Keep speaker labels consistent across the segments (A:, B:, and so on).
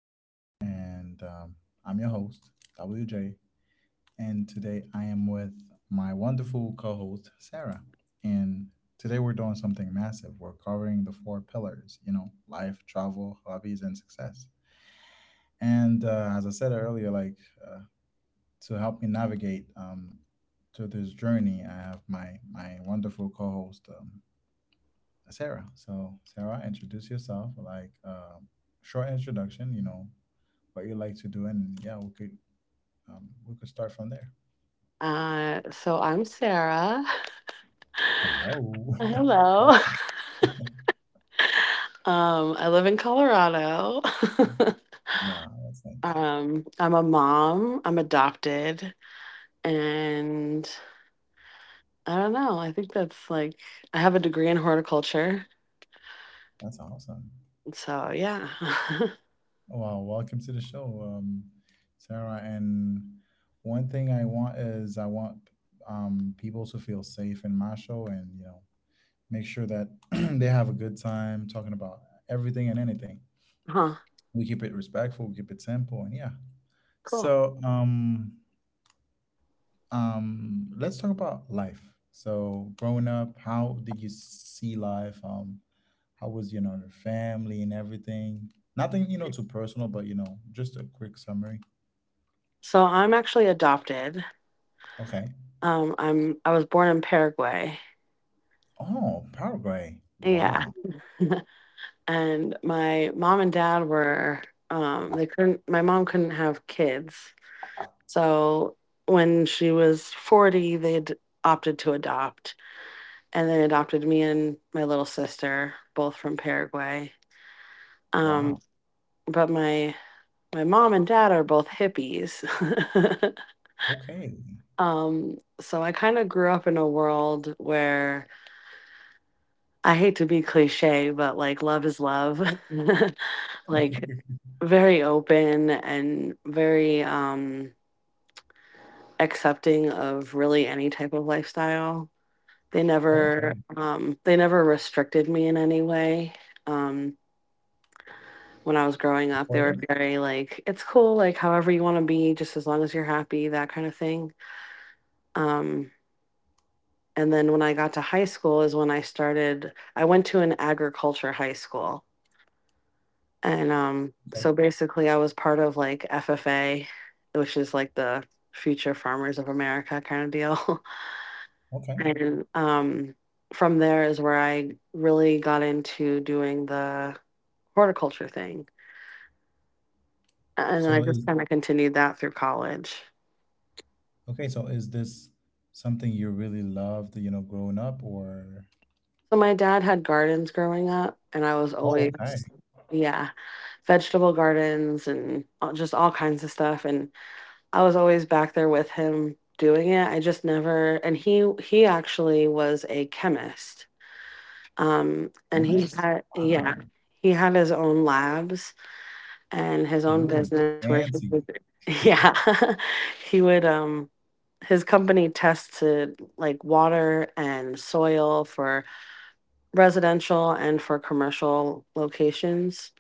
A: W, and I'm your host, WJ. And today I am with my wonderful co host, Sarah. And today we're doing something massive. We're covering the four pillars, you know, life, travel, hobbies, and success. And as I said earlier, uh, to help me navigate to this journey, I have my wonderful co host, Sarah. So, Sarah, introduce yourself, short introduction, you know, what you like to do, and yeah, we could start from there.
B: So I'm Sarah.
A: Hello.
B: Hello.
A: Welcome.
B: I live in Colorado.
A: Yeah, that's nice.
B: I'm a mom. I'm adopted, and I don't know. I think that's, like, I have a degree in horticulture.
A: That's awesome.
B: So yeah.
A: Well, welcome to the show, Sarah. And one thing I want is I want people to feel safe in my show, and you know, make sure that they have a good time talking about everything and anything.
B: Huh.
A: We keep it respectful, we keep it simple, and yeah.
B: Cool.
A: So, let's talk about life. So, growing up, how did you see life? How was, you know, your family and everything? Nothing, you know, too personal, but, you know, just a quick summary.
B: So I'm actually adopted.
A: Okay.
B: I was born in Paraguay.
A: Oh, Paraguay.
B: Yeah.
A: Wow.
B: And my mom and dad were, they couldn't my mom couldn't have kids. So when she was 40, they had opted to adopt, and they adopted me and my little sister, both from Paraguay. Um,
A: Wow.
B: but my mom and dad are both hippies.
A: Okay.
B: So I kind of grew up in a world where I hate to be cliche, but, like, love is love. Like, very open and very accepting of really any type of lifestyle. They never,
A: Okay.
B: um, they never restricted me in any way. Um, when I was growing up, they were
A: Puerto.
B: very like, "It's cool, like however you want to be, just as long as you're happy," that kind of thing. Um, and then when I got to high school is when I started. I went to an agriculture high school, and
A: Okay.
B: so basically, I was part of, like, FFA, which is like the Future Farmers of America kind of deal.
A: Okay.
B: And from there is where I really got into doing the horticulture thing. And then I
A: So
B: just
A: is
B: kind of continued that through college.
A: okay. So is this something you really loved, you know, growing up, or?
B: So my dad had gardens growing up, and I was
A: Oh, okay.
B: always, yeah, vegetable gardens and just all kinds of stuff. And I was always back there with him doing it. I just never, and he actually was a chemist. And he
A: Amethyst.
B: had, yeah,
A: Wow.
B: he had his own labs and his own
A: Ooh,
B: business where
A: fancy.
B: yeah, he would, his company tested, like, water and soil for residential and for commercial locations.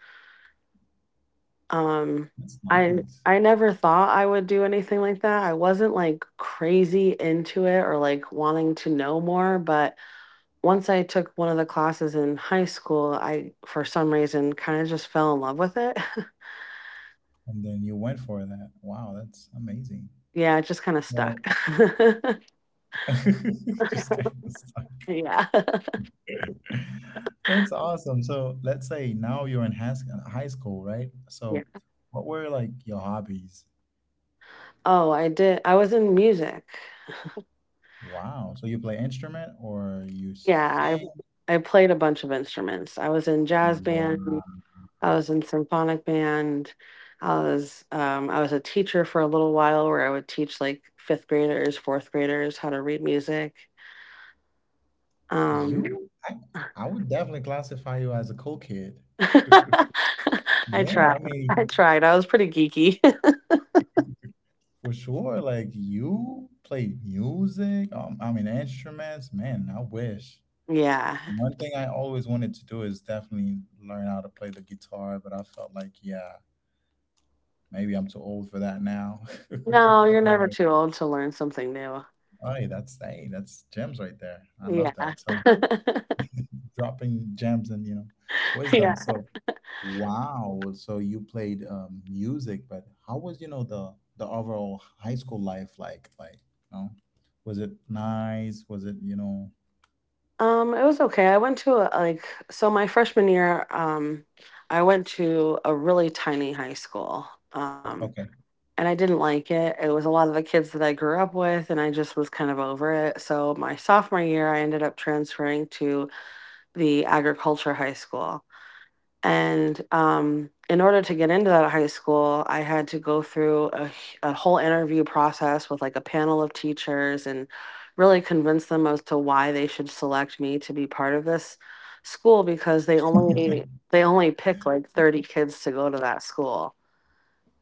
B: Um,
A: That's
B: I,
A: nice.
B: I never thought I would do anything like that. I wasn't, like, crazy into it or like wanting to know more, but once I took one of the classes in high school, I for some reason kind of just fell in love with it.
A: And then you went for that. Wow, that's amazing.
B: Yeah, it just kind of stuck.
A: So just kind of stuck.
B: Yeah.
A: That's awesome. So let's say now you're in high school, right?
B: Yeah.
A: So what were like your hobbies?
B: Oh, I did. I was in music.
A: Wow. So you play instrument or you
B: Yeah, I,
A: sing?
B: I played a bunch of instruments. I was in jazz band.
A: Wow.
B: I was in symphonic band. I was a teacher for a little while where I would teach, like, fifth graders, fourth graders how to read music. Um,
A: You, I, I would definitely classify you as a cool kid.
B: I
A: Yeah,
B: tried.
A: I
B: I
A: mean,
B: tried. I was pretty geeky.
A: for sure, like you played music, I mean instruments. Man, I wish.
B: Yeah.
A: One thing I always wanted to do is definitely learn how to play the guitar, but I felt like, yeah, maybe I'm too old for that now.
B: No,
A: But
B: you're never
A: anyway,
B: too old to learn something new.
A: oh, yeah, that's hey, that's gems right there. I love
B: Yeah.
A: that. So dropping gems and you know
B: Yeah.
A: wisdom. So wow, so you played music, but how was you know the overall high school life like? Like, you know, was it nice? Was it you know
B: It was okay. I went to a, like so my freshman year, I went to a really tiny high school. Um,
A: okay?
B: and I didn't like it. It was a lot of the kids that I grew up with, and I just was kind of over it. So my sophomore year, I ended up transferring to the agriculture high school. And in order to get into that high school, I had to go through a whole interview process with, like, a panel of teachers and really convince them as to why they should select me to be part of this school, because they only they only pick like 30 kids to go to that school.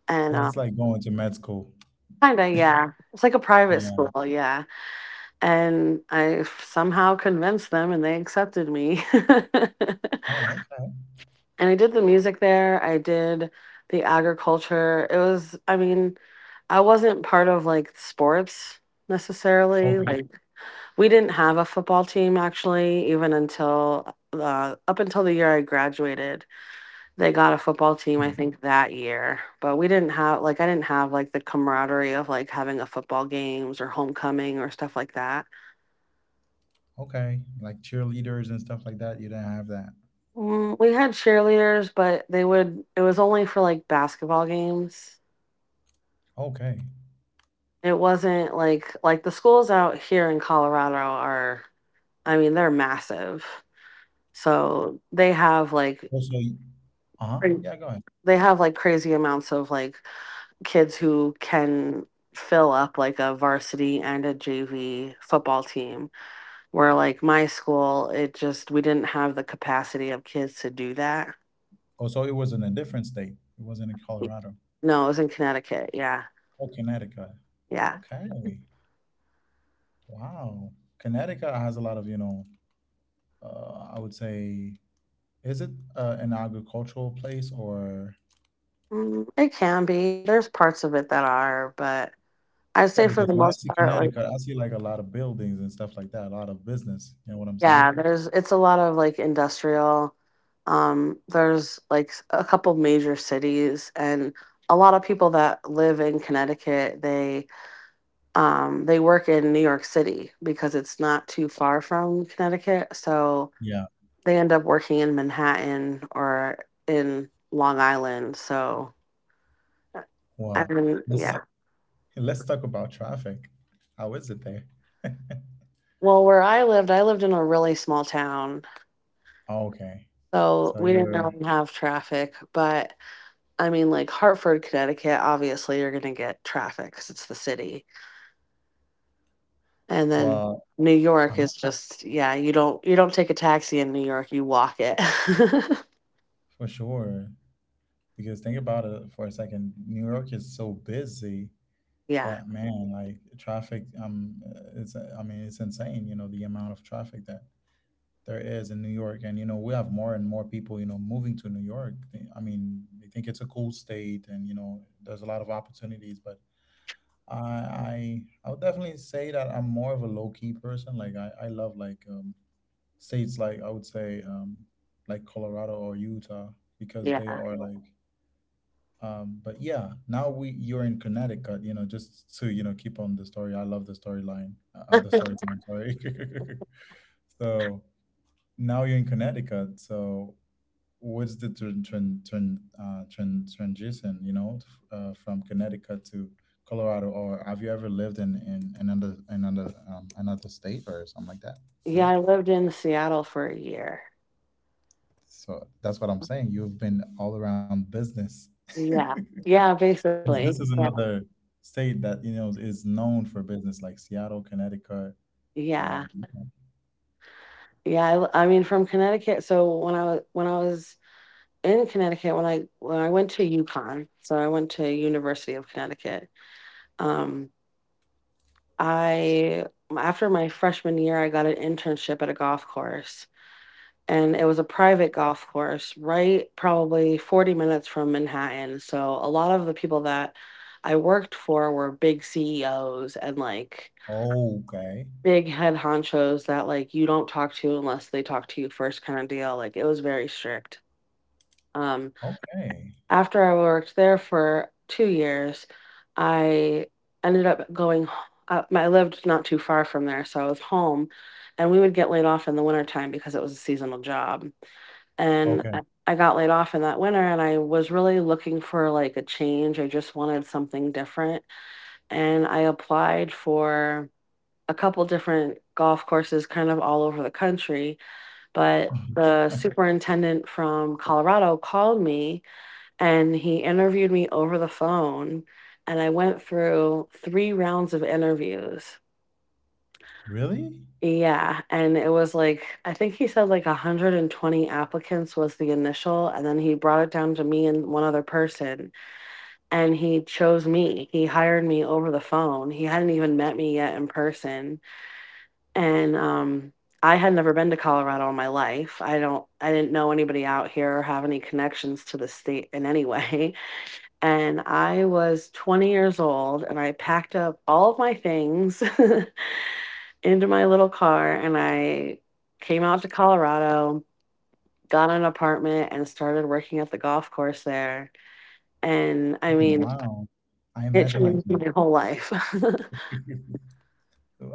B: And
A: Yeah, it's like going to med school.
B: kind of, yeah, it's like a private
A: Yeah.
B: school, yeah. And I somehow convinced them, and they accepted me.
A: Oh, okay.
B: And I did the music there. I did the agriculture. It was, I mean, I wasn't part of, like, sports necessarily. Right.
A: Okay.
B: Like, we didn't have a football team actually, even until up until the year I graduated, they got a football team.
A: Hmm.
B: I think that year, but we didn't have like I didn't have, like, the camaraderie of, like, having a football games or homecoming or stuff like that.
A: Okay. Like cheerleaders and stuff like that. You didn't have that.
B: We had cheerleaders, but they would. It was only for, like, basketball games.
A: Okay.
B: It wasn't like, The schools out here in Colorado are, I mean, they're massive. So, they have, like,
A: Also, uh huh.
B: cra
A: Yeah, go ahead.
B: crazy amounts of, like, kids who can fill up, like, a varsity and a JV football team, where, like, my school, it just we didn't have the capacity of kids to do that.
A: Oh, so it was in a different state. It wasn't in Colorado.
B: No, it was in Connecticut, yeah,
A: Oh, Connecticut.
B: yeah.
A: Okay. Wow. Connecticut has a lot of, you know, I would say, is it an agricultural place or?
B: Mm, it can be. There's parts of it that are, but I'd
A: Yeah,
B: say for
A: because
B: the
A: when I
B: most
A: see
B: part, like,
A: Connecticut, I see like a lot of buildings and stuff like that, a lot of business. You know what I'm saying?
B: yeah, there's it's a lot of, like, industrial. There's, like, s a couple major cities, and a lot of people that live in Connecticut, they work in New York City because it's not too far from Connecticut, so
A: Yeah.
B: they end up working in Manhattan or in Long Island, so, uh, I
A: Wow.
B: mean,
A: Let's
B: yeah.
A: let's talk about traffic. How is it there?
B: Well, where I lived in a really small town,
A: Okay.
B: so
A: So
B: we
A: you
B: didn't
A: were,
B: really have traffic, but I mean, like, Hartford, Connecticut, obviously you're going to get traffic because it's the city. And then
A: well,
B: New York
A: uh-huh,
B: is just, yeah, you don't take a taxi in New York, you walk it.
A: for sure. Because think about it for a second. New York is so busy.
B: Yeah.
A: That man, like traffic, it's I mean it's insane. You know the amount of traffic that there is in New York, and you know we have more and more people, you know, moving to New York. They- I mean, they think it's a cool state, and you know there's a lot of opportunities. But I would definitely say that I'm more of a low key person. Like I love like states like I would say like Colorado or Utah because they
B: Yeah.
A: are like but yeah, now we you're in Connecticut, you know, just to, you know, keep on the story. I love the storyline, sorry. So now you're in Connecticut. So what's the transition, you know, from Connecticut to Colorado, or have you ever lived in another another state or something like that?
B: Yeah,
A: Nope.
B: I lived in Seattle for a year.
A: So that's what I'm saying. You've been all around business.
B: Yeah. Yeah,
A: 'Cause this
B: basically.
A: is
B: Yeah.
A: another state that, you know, is known for business like Seattle, Connecticut. Um,
B: Yeah. Yeah, I mean from Connecticut, so when I was in Connecticut, when I went to UConn, so I went to University of Connecticut. Um I After my freshman year, I got an internship at a golf course, and it was a private golf course, right probably 40 minutes from Manhattan. So a lot of the people that I worked for were big CEOs and like
A: okay.
B: big head honchos that like you don't talk to unless they talk to you first kind of deal. Like, it was very strict. Um
A: Okay.
B: After I worked there for 2 years, I ended up going h I lived not too far from there, so I was home, and we would get laid off in the wintertime because it was a seasonal job, and
A: Okay.
B: I got laid off in that winter, and I was really looking for, like, a change. I just wanted something different, and I applied for a couple different golf courses kind of all over the country, but the superintendent from Colorado called me, and he interviewed me over the phone, and I went through 3 rounds of interviews.
A: Really?
B: Yeah, and it was like I think he said like 120 applicants was the initial, and then he brought it down to me and one other person, and he chose me. He hired me over the phone. He hadn't even met me yet in person, and I had never been to Colorado in my life. I didn't know anybody out here or have any connections to the state in any way. And I was 20 years old, and I packed up all of my things into my little car, and I came out to Colorado, got an apartment, and started working at the golf course there. And I
A: Hmm,
B: mean,
A: wow. I
B: it
A: imagine
B: changed
A: like your
B: my whole life.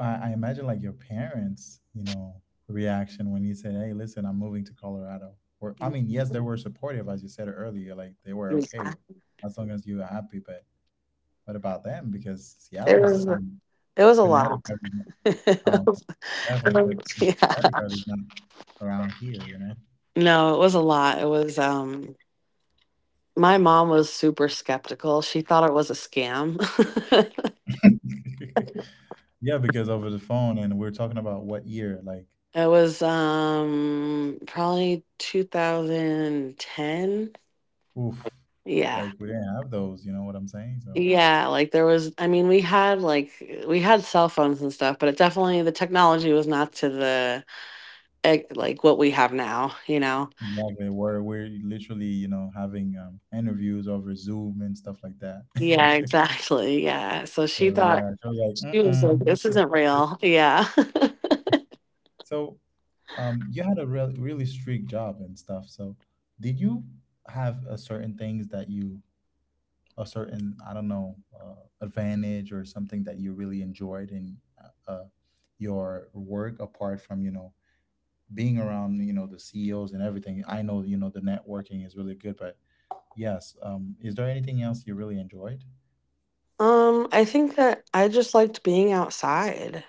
A: I imagine like your parents, you know, reaction when you said, hey, listen, I'm moving to Colorado. Or I mean, yes, they were supportive, as you said earlier, like they were
B: It was
A: okay as long as you were happy, but what about them? Because
B: it
A: Seattle's
B: was a
A: Connecticut.
B: lot.
A: Um, definitely, because
B: Yeah.
A: Connecticut is not around here, you know?
B: No, it was a lot. It was My mom was super skeptical. She thought it was a scam.
A: Yeah, because over the phone, and we're talking about what year, like,
B: It was probably 2010.
A: oof,
B: Yeah.
A: like we didn't have those, you know what I'm saying? So,
B: Yeah, like, there was I mean we had cell phones and stuff, but it definitely the technology was not to the like what we have now.
A: exactly, we're literally, you know, having interviews over Zoom and stuff like that.
B: Yeah, exactly. Yeah.
A: So, yeah, she was like,
B: She was
A: mm-mm,
B: like,
A: this
B: this
A: is
B: isn't real. Yeah.
A: so, you had a real, really strict job and stuff. So, did you have a certain things that you a certain I don't know advantage or something that you really enjoyed in your work apart from you know being around you know the CEOs and everything. I know you know the networking is really good, but yes, is there anything else you really enjoyed?
B: I think that I just liked being outside.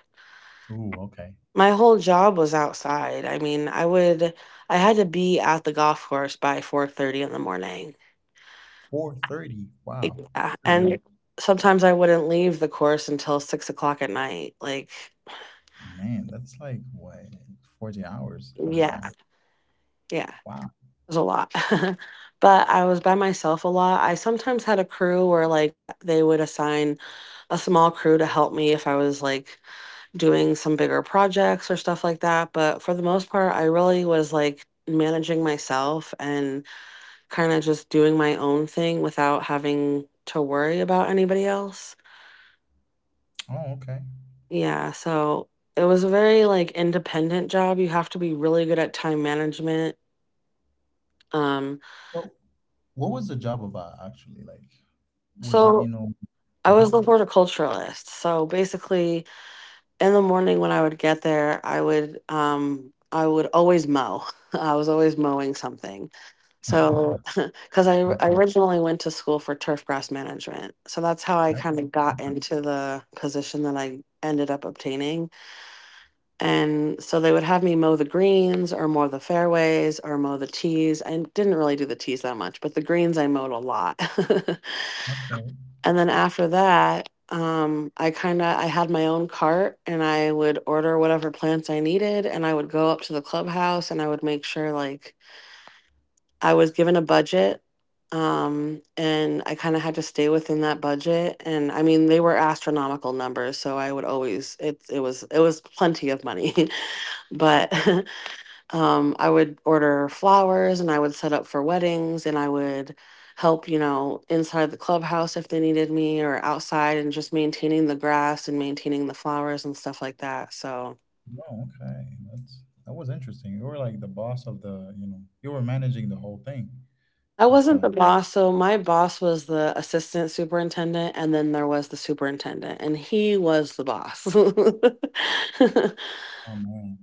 A: Ooh, okay,
B: My whole job was outside. I mean, I had to be at the golf course by 4:30 in the morning.
A: 4:30.
B: Like,
A: Wow,
B: yeah.
A: this is
B: And
A: really
B: sometimes I wouldn't leave the course until 6 o'clock at night. Like,
A: man. That's like what 40 hours if I'm not
B: yeah,
A: wrong.
B: yeah. It
A: Wow.
B: was a lot. But I was by myself a lot. I sometimes had a crew where like they would assign a small crew to help me if I was, like, doing some bigger projects or stuff like that. But for the most part, I really was, like, managing myself. And kind of just doing my own thing without having to worry about anybody else.
A: Oh, okay.
B: Yeah, so it was a very, like, independent job. You have to be really good at time management. Um
A: So, what was the job about actually? Like, was it you
B: so
A: know?
B: I
A: Uh
B: was
A: huh.
B: the horticulturalist. So basically, in the morning when I would get there, I would always mow. I was always mowing something. So cuz I
A: Okay.
B: originally went to school for turf grass management. So that's how I kind
A: That's
B: of got into the position that I ended up obtaining. And so they would have me mow the greens or mow the fairways or mow the tees. I didn't really do the tees that much, but the greens I mowed a lot.
A: that's a,
B: And then after that, I kind of I had my own cart and I would order whatever plants I needed, and I would go up to the clubhouse and I would make sure I was given a budget, and I kind of had to stay within that budget. And I mean, they were astronomical numbers, so I would always it was plenty of money. But I would order flowers and I would set up for weddings, and I would help, inside the clubhouse if they needed me, or outside, and just maintaining the grass and maintaining the flowers and stuff like that. So
A: wow, okay. That's that was interesting. You were like the boss of the, you know, you were managing the whole thing
B: I wasn't the
A: inside.
B: Yeah. Boss. So my boss was the assistant superintendent, and then there was the superintendent, and he was the boss. No,
A: Oh man,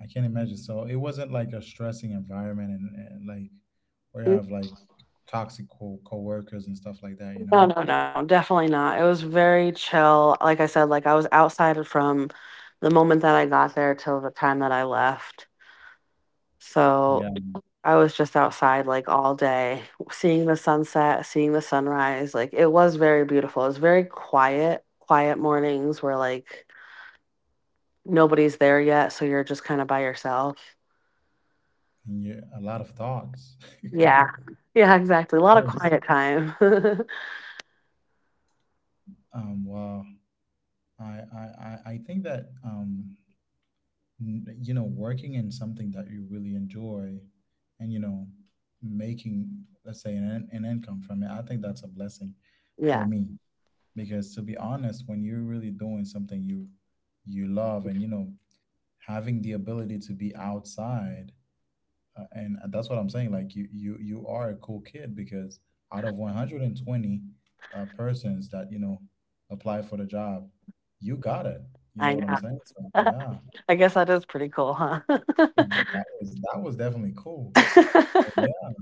A: I can't imagine. So it wasn't like a stressing environment and like where you have like toxic co coworkers and stuff like that, you know?
B: no, No, definitely not. It was very chill. Like I said, like I was outside from the moment that I got there till the time that I left.
A: Yeah,
B: So, I was just outside, like, all day, seeing the sunset, seeing the sunrise. Like, it was very beautiful. It was very quiet, quiet mornings where, like, nobody's there yet, so you're just kinda by yourself.
A: and you a lot of thoughts.
B: Yeah. Yeah, exactly, a lot of
A: Yes.
B: quiet time.
A: Well, I think that n- you know working in something that you really enjoy and you know making let's say an income from it, I think that's a blessing for
B: Yeah,
A: me because to be honest when you're really doing something you you love and you know having the ability to be outside and that's what I'm saying like you are a cool kid because out of 120 persons that you know apply for the job you got it you know
B: I
A: what I'm
B: know.
A: saying so yeah.
B: I guess that is pretty cool, huh?
A: That was definitely cool. So, yeah.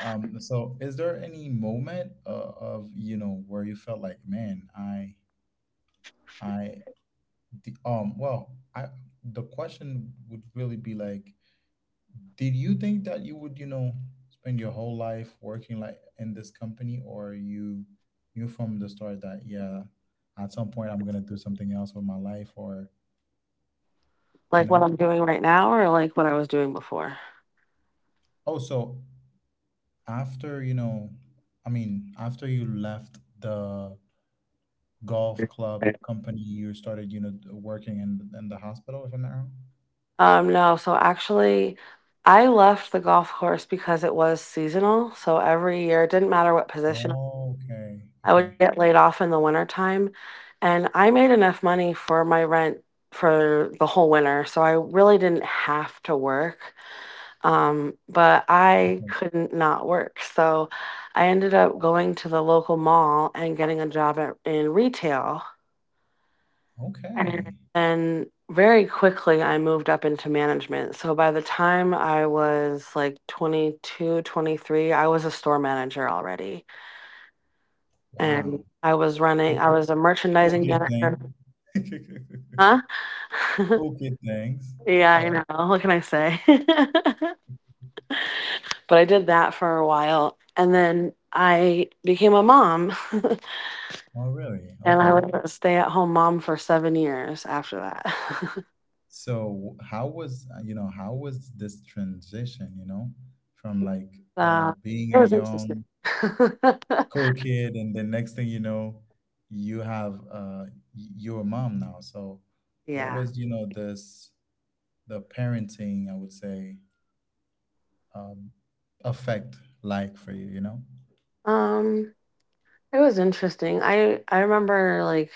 A: So is there any moment of, you know, where you felt like, man, I the, well, I the question would really be like, did you think that you would, you know, spend your whole life working like in this company or you knew from the start that yeah, at some point I'm gonna do something else with my life, or you
B: Like, what
A: know?
B: I'm doing right now, or, like, what I was doing before?
A: Oh, so after, you know, I mean, after you left the golf club company you started, you know, working in the hospital, if I'm not wrong?
B: No, so actually, I left the golf course because it was seasonal. So every year, it didn't matter what position,
A: Oh, okay.
B: I would
A: Okay.
B: get laid off in the wintertime. And I made enough money for my rent for the whole winter. So I really didn't have to work. But I
A: Okay.
B: couldn't not work. So I ended up going to the local mall and getting a job in retail. And
A: Okay.
B: then very quickly, I moved up into management. So by the time I was like 22, 23, I was a store manager already. And
A: Wow.
B: I was a
A: Cool
B: merchandising
A: kid
B: manager.
A: thing.
B: Huh?
A: Cool kid things.
B: Yeah, I
A: Okay.
B: know. What can I say? But I did that for a while. And then I became a mom. And
A: Oh, really?
B: I
A: Okay.
B: was a stay at home mom for 7 years after that.
A: So how was, you know, how was this transition, you know, from like
B: So
A: being
B: it
A: a
B: was interesting.
A: young cool kid, and then next thing you know, you have you're a mom now. So, what
B: Yeah.
A: was you know this the parenting I would say um, effect like for you? You know.
B: Um, it was interesting. I remember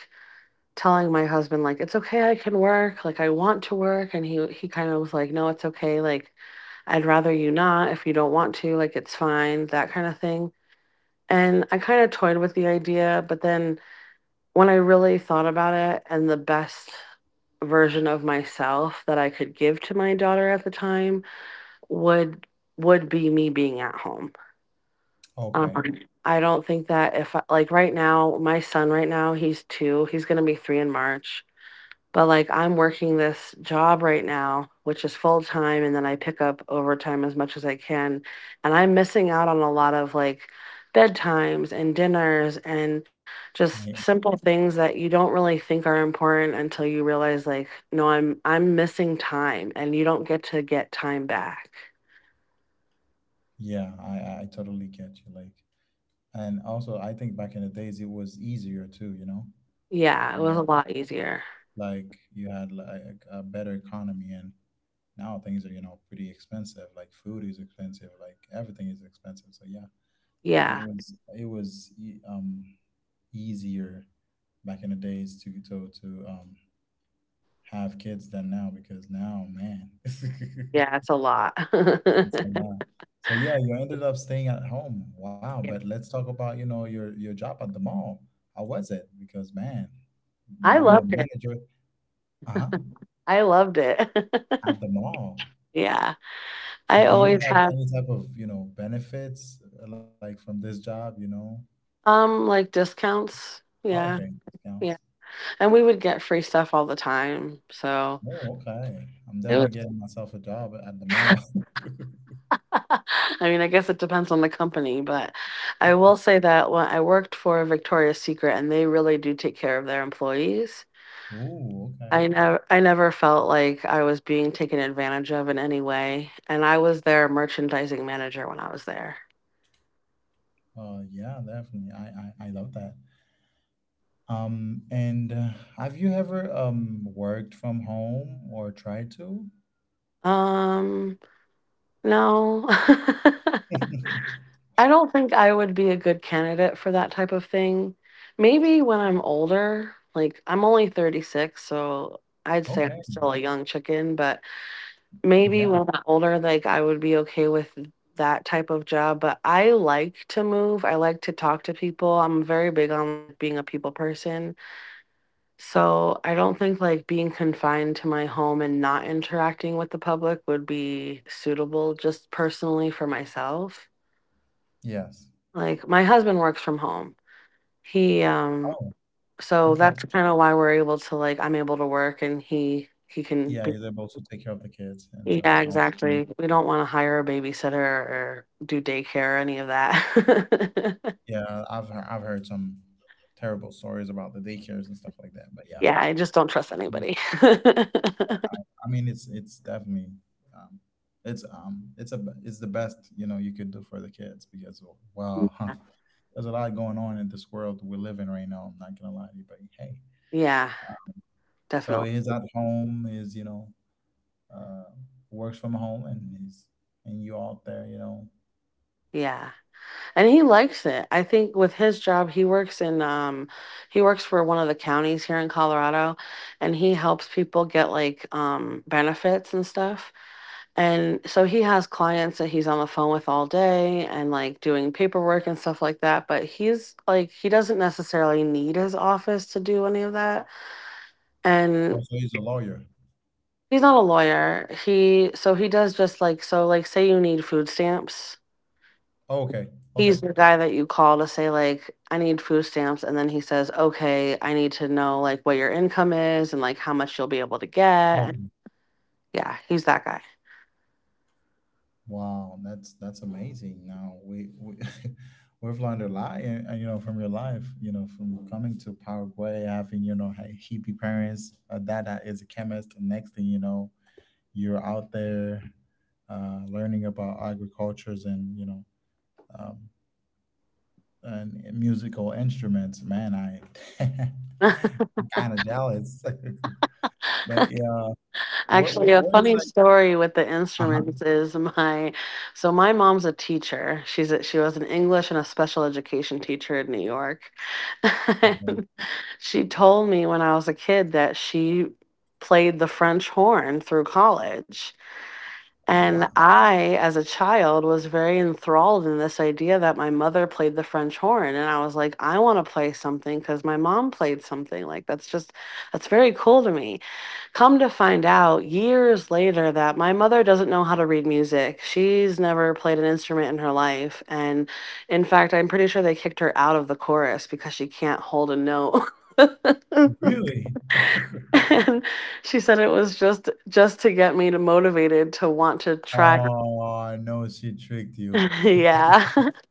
B: telling my husband, like, it's okay, I can work, like I want to work. And he kind of was like, no, it's okay, like I'd rather you not if you don't want to, like it's fine, that kind of thing. And I kind of toyed with the idea, but then when I really thought about it, and the best version of myself that I could give to my daughter at the time would be me being at home. uh
A: Okay,
B: I don't think that if I, like, right now, my son right now, he's 2, he's gonna be 3 in March, but, like, I'm working this job right now, which is full-time, and then I pick up overtime as much as I can, and I'm missing out on a lot of, like, bedtimes and dinners and just
A: I,
B: simple things that you don't really think are important until you realize, like, "No, I'm missing time," and you don't get to get time back.
A: yeah, I totally get you. Like, and also I think back in the days it was easier too, you know,
B: Yeah, it
A: uh,
B: was a lot easier.
A: like you had like a better economy, and now things are you know pretty expensive. Like food is expensive, like everything is expensive. So yeah, I think
B: Yeah.
A: it was easier back in the days to have kids than now because now man.
B: Yeah, it's a lot.
A: It's a lot. So yeah, you ended up staying at home. Wow, but let's talk about, you know, your job at the mall. How was it? Because man,
B: I
A: now you're a
B: loved it.
A: manager, uh-huh,
B: I loved it.
A: at the mall.
B: Yeah,
A: So
B: I
A: do you
B: always
A: have
B: have.
A: any type of, you know, benefits like from this job, you know?
B: Like, discounts.
A: Oh,
B: Yeah,
A: okay, discounts.
B: yeah, and we would get free stuff all the time, so
A: Oh, okay. I'm
B: it
A: definitely
B: was
A: getting myself a job at the mall.
B: I mean, I guess it depends on the company, but I will say that when I worked for Victoria's Secret, and they really do take care of their employees,
A: Ooh, okay.
B: I never felt like I was being taken advantage of in any way, and I was their merchandising manager when I was there.
A: Yeah, definitely. I love that. And have you ever worked from home or tried to?
B: Um No. I don't think I would be a good candidate for that type of thing. Maybe when I'm older, like I'm only 36, so I'd say
A: Okay.
B: I'm still a young chicken. But maybe
A: Yeah.
B: when I'm older, like I would be okay with that type of job. But I like to move, I like to talk to people. I'm very big on, like, being a people person. So I don't think, like, being confined to my home and not interacting with the public would be suitable just personally for myself.
A: Yes.
B: Like, my husband works from home. He,
A: Oh,
B: so
A: okay.
B: that's kinda why we're able to, like, I'm able to work and he can
A: Yeah,
B: be.
A: you're able to take care of the kids and the
B: Yeah,
A: house.
B: exactly. We don't wanna hire a babysitter or do daycare or any of that.
A: Yeah, I've heard some terrible stories about the daycares and stuff like that. But yeah,
B: Yeah, I just don't trust anybody.
A: I mean, it's definitely um, it's a it's the best you know you could do for the kids because well, huh, there's a lot going on in this world we live in right now. I'm not gonna lie to you, but hey,
B: Yeah,
A: so
B: definitely.
A: he's at home, he's, you know, uh, works from home and he's, and you out there, you know.
B: Yeah. And he likes it. I think with his job, he works in, he works for one of the counties here in Colorado, and he helps people get, like, benefits and stuff. And so he has clients that he's on the phone with all day, and like doing paperwork and stuff like that. But he's like, he doesn't necessarily need his office to do any of that.
A: Oh,
B: And
A: so he's a lawyer.
B: he's not a lawyer. So he does just like, so like, say you need food stamps.
A: Oh, okay. Okay.
B: He's the guy that you call to say, like, I need food stamps. And then he says, "Okay, I need to know, like, what your income is, and like how much you'll be able to
A: Oh,
B: get." Yeah, he's that guy.
A: wow. That's amazing. Now we, we've learned a lot, from your life, you know, from coming to Paraguay, having, you know, hippie parents, a dad that is a chemist. And next thing you know, you're out there learning about agricultures and um, and musical instruments, man. I I'm kind of jealous. But yeah,
B: Actually, a
A: what is
B: funny
A: like
B: story with the
A: uh-huh
B: instruments is my so my mom's a teacher. She was an English and a special education teacher in New York.
A: okay.
B: She told me when I was a kid that she played the French horn through college. And
A: Wow.
B: I, as a child, was very enthralled in this idea that my mother played the French horn. And I was like, I want to play something because my mom played something. Like, that's just, that's very cool to me. Come to find out years later that my mother doesn't know how to read music. She's never played an instrument in her life. And in fact, I'm pretty sure they kicked her out of the chorus because she can't hold a note.
A: Really?
B: And she said it was just to get me to motivated to want to try.
A: Oh no, she tricked you.
B: Yeah.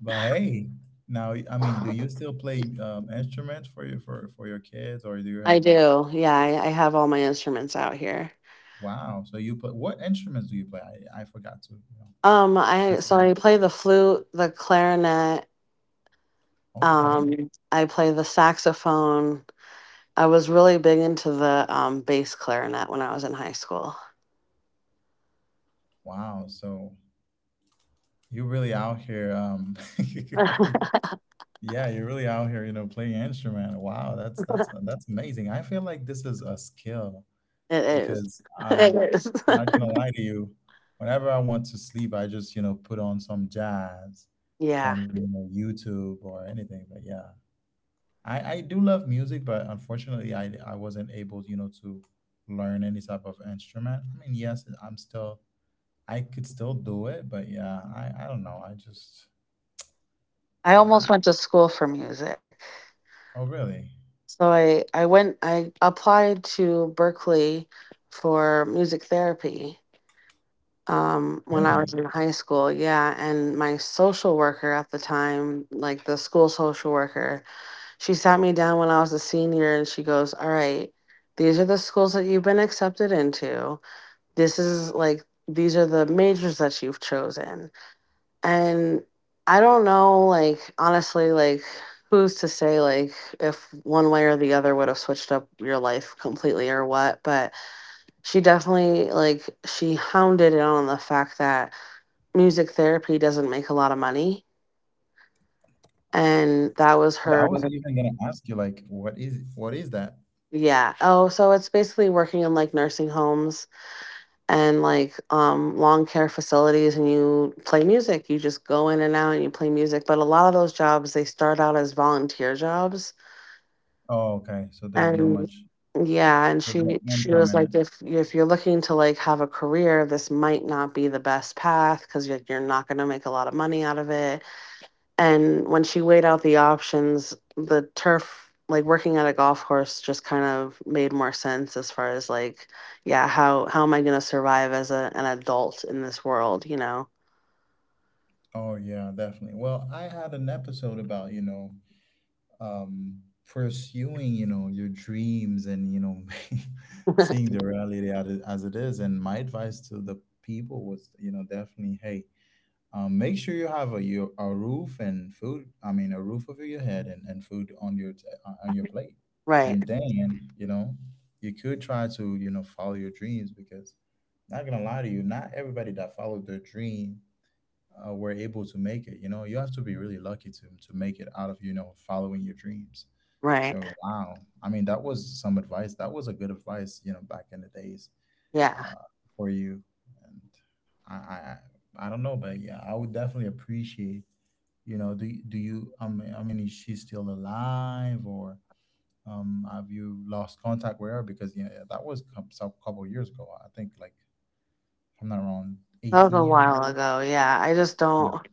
A: But hey, now I mean, do you still play instruments for for your kids, or do you
B: I
A: have like
B: do. Yeah, I have all my instruments out here.
A: wow, so you play. What instruments do you play? I forgot to ask you
B: I
A: that.
B: play the flute, the clarinet,
A: Okay.
B: I play the saxophone. I was really big into the bass clarinet when I was in high school.
A: Wow, so you're really out here,
B: It
A: yeah, you're really out here, you know, playing instrument. Wow, that's amazing. I feel like this is a skill
B: is.
A: because
B: It is.
A: I'm not gonna lie to you, whenever I want to sleep, I just, you know, put on some jazz
B: Yeah.
A: from, you know, YouTube or anything. But yeah, I do love music, but unfortunately, I wasn't able, you know, to learn any type of instrument. I mean, yes, I'm still I could still do it, but yeah, I don't know. I just
B: I almost
A: uh,
B: went to school for music.
A: oh really?
B: So I went I applied to Berkeley for music therapy when I was in
A: Really?
B: high school. Yeah, and my social worker at the time, like the school social worker, she sat me down when I was a senior and she goes, "All right, these are the schools that you've been accepted into. This is like these are the majors that you've chosen, and I don't know, like, honestly, like, who's to say, like, if one way or the other would have switched up your life completely or what. But she definitely, like, she hounded it on the fact that music therapy doesn't make a lot of money, and that
A: Yeah, I
B: was
A: wasn't
B: her
A: even gonna ask you, like, what is that?
B: yeah. Oh, so it's basically working in like nursing homes and like long care facilities, and you play music. You just go in and out and you play music, but a lot of those jobs they start out as volunteer jobs.
A: Oh, okay. So there's no
B: And
A: much
B: yeah, and
A: there's no
B: she
A: income
B: was
A: in it.
B: like, if you're looking to like have a career, this might not be the best path because you're not going to make a lot of money out of it. And when she weighed out the options, the turf, like working at a golf course, just kind of made more sense as far as like, yeah, how am I going to survive as an adult in this world, you know?
A: Oh yeah, definitely. Well, I had an episode about, you know, um pursuing, you know, your dreams and, you know, seeing the reality as it is, and my advice to the people was, you know, definitely, hey, um, make sure you have a roof and food. I mean, a roof over your head, and food on your on your plate,
B: Right.
A: and then you know you could try to you know follow your dreams because not gonna lie to you, not everybody that followed their dream were able to make it. You know, you have to be really lucky to make it out of you know following your dreams.
B: Right.
A: So wow, I mean, that was some advice. That was a good advice, you know, back in the days
B: Yeah,
A: uh, for you. And I don't know, but yeah, I would definitely appreciate. You know, do you? I mean, is she still alive, or have you lost contact with her? Because yeah, that was a couple years ago. I think, like, if I'm not wrong,
B: that was
A: 18
B: a
A: years. Ago?
B: while ago. Yeah,
A: No.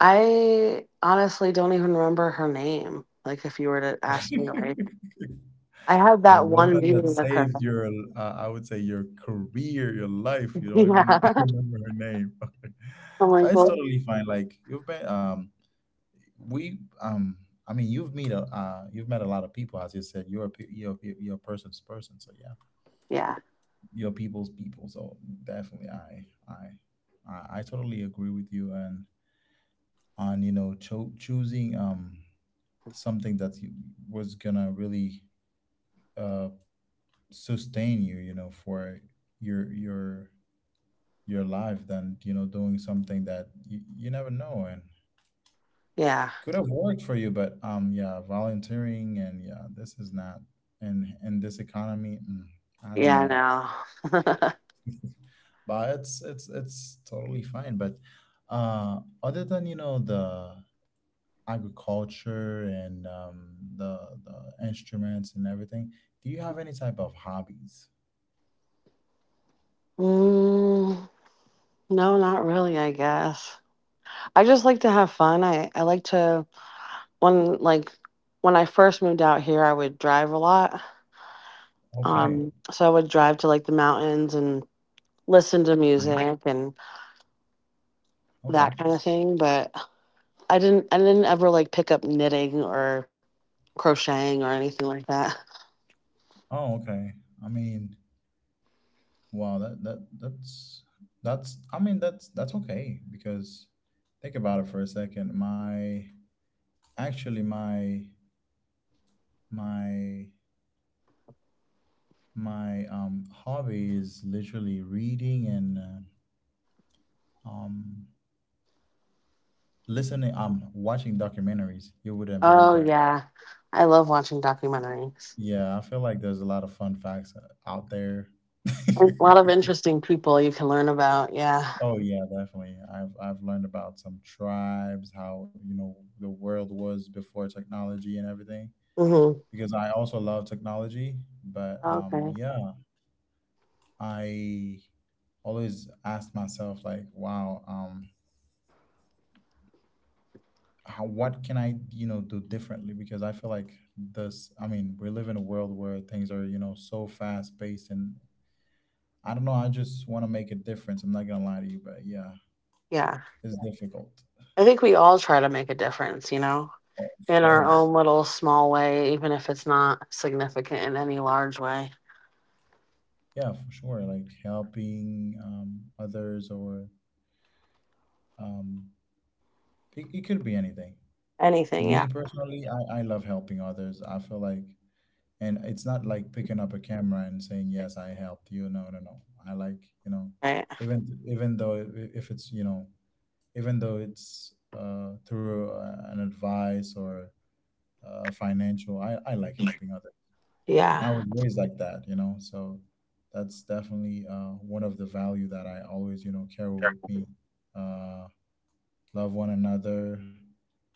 B: I honestly don't even remember her name. Like, if you were to ask me, like, I had
A: The
B: that one
A: woman that
B: meeting with her.
A: saved your, I would say your career, your life. You don't even
B: Yeah.
A: remember her name.
B: I'm like,
A: Okay. It's
B: well,
A: totally fine. Like you've been, we I mean you've met a lot of people. As you said, you're you're a person's person, so yeah,
B: yeah,
A: you're people's people. So definitely, I totally agree with you, and on you know choosing something that you, was gonna really uh sustain you you know for your your your life, than you know doing something that you never know
B: yeah,
A: could have worked for you. But yeah, volunteering and yeah, this is not in in this economy. I don't
B: yeah,
A: know.
B: no.
A: But it's it's totally fine. But other than you know the agriculture and the instruments and everything. Do you have any type of hobbies?
B: Mm, no, not really, I guess. I just like to have fun. I like to, when, like, when I first moved out here, I would drive a lot.
A: Okay.
B: So I would drive to like the mountains and listen to
A: Hike.
B: music and
A: Okay.
B: that kind of thing. But I didn't ever like pick up knitting or crocheting or anything like that.
A: Oh, okay. I mean, wow, that that that's I mean that's okay because think about it for a second. My actually, my my hobby is literally reading and um listening. I'm watching documentaries. You wouldn't believe
B: Oh
A: that.
B: yeah. I love watching documentaries.
A: Yeah, I feel like there's a lot of fun facts out there.
B: A lot of interesting people you can learn about, yeah.
A: Oh yeah, definitely. I've learned about some tribes, how, you know, the world was before technology and everything.
B: Mhm.
A: Because I also love technology, but
B: Okay.
A: yeah, I always ask myself like, wow, what can I, you know, do differently? Because I feel like I mean, we live in a world where things are, you know, so fast paced, and I don't know. I just want to make a difference. I'm not going to lie to you, but yeah,
B: Yeah.
A: it's difficult.
B: I think we all try to make a difference, you know,
A: Oh, of
B: in our
A: course.
B: own little small way, even if it's not significant in any large way.
A: Yeah, for sure. Like helping others or um, it could be anything.
B: Anything,
A: Me
B: yeah.
A: personally, I love helping others. I feel like and it's not like picking up a camera and saying yes I helped you no no no I like you know
B: Right.
A: even though if it's you know even though it's through an advice or financial I like helping others
B: Yeah.
A: I was raised like that you know so that's definitely one of the value that I always you know carry with me uh love one another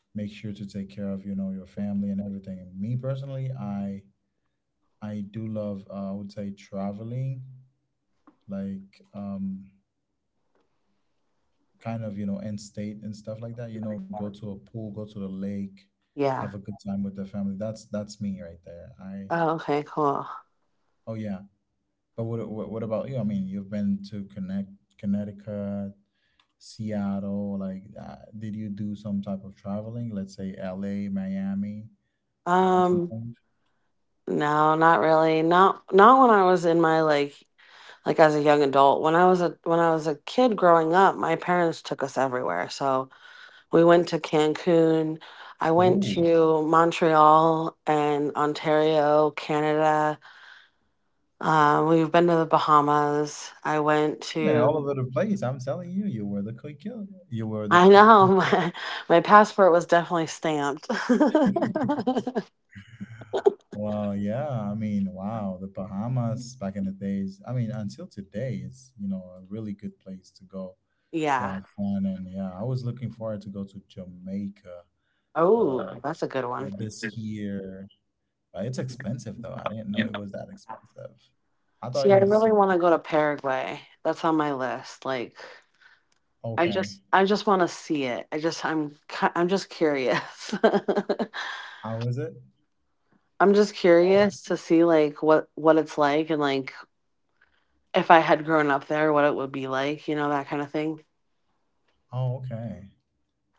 A: make sure to take care of you know your family and everything me personally I do love, I would say, traveling, like kind of, you know, end state and stuff like that. You know, go to a pool, go to the lake, have
B: Yeah.
A: a good time with the family. That's me right there. I
B: Oh, okay, cool.
A: oh yeah. But what about you? I mean, you've been to Connecticut, Seattle. Like, did you do some type of traveling? Let's say L.A., Miami. Uh, at some
B: Um,
A: point.
B: no, not really. Not when I was in my like. Like, as a young adult, when I was a kid growing up, my parents took us everywhere. So, we went to Cancun, I went
A: Ooh,
B: to Montreal and Ontario, Canada. We've been to the Bahamas. I went
A: man, all over
B: to.
A: the place. I'm telling you, you were the cook killer. You were the
B: I know,
A: cook.
B: my passport was definitely stamped.
A: Well, yeah. I mean, wow, the Bahamas back in the days. I mean, until today is, you know, a really good place to go to
B: Yeah.
A: have fun. And yeah, I was looking forward to go to Jamaica uh,
B: Oh,
A: uh,
B: that's a good one.
A: this year. It's expensive though. I didn't know it was that expensive. I thought
B: See,
A: it
B: I
A: was
B: really want to go to Paraguay. That's on my list. Like,
A: okay.
B: I just want to see it. I'm just curious.
A: How is it?
B: I'm just
A: Oh,
B: curious to see like what it's like, and like if I had grown up there what it would be like, you know, that kind of thing.
A: oh, okay.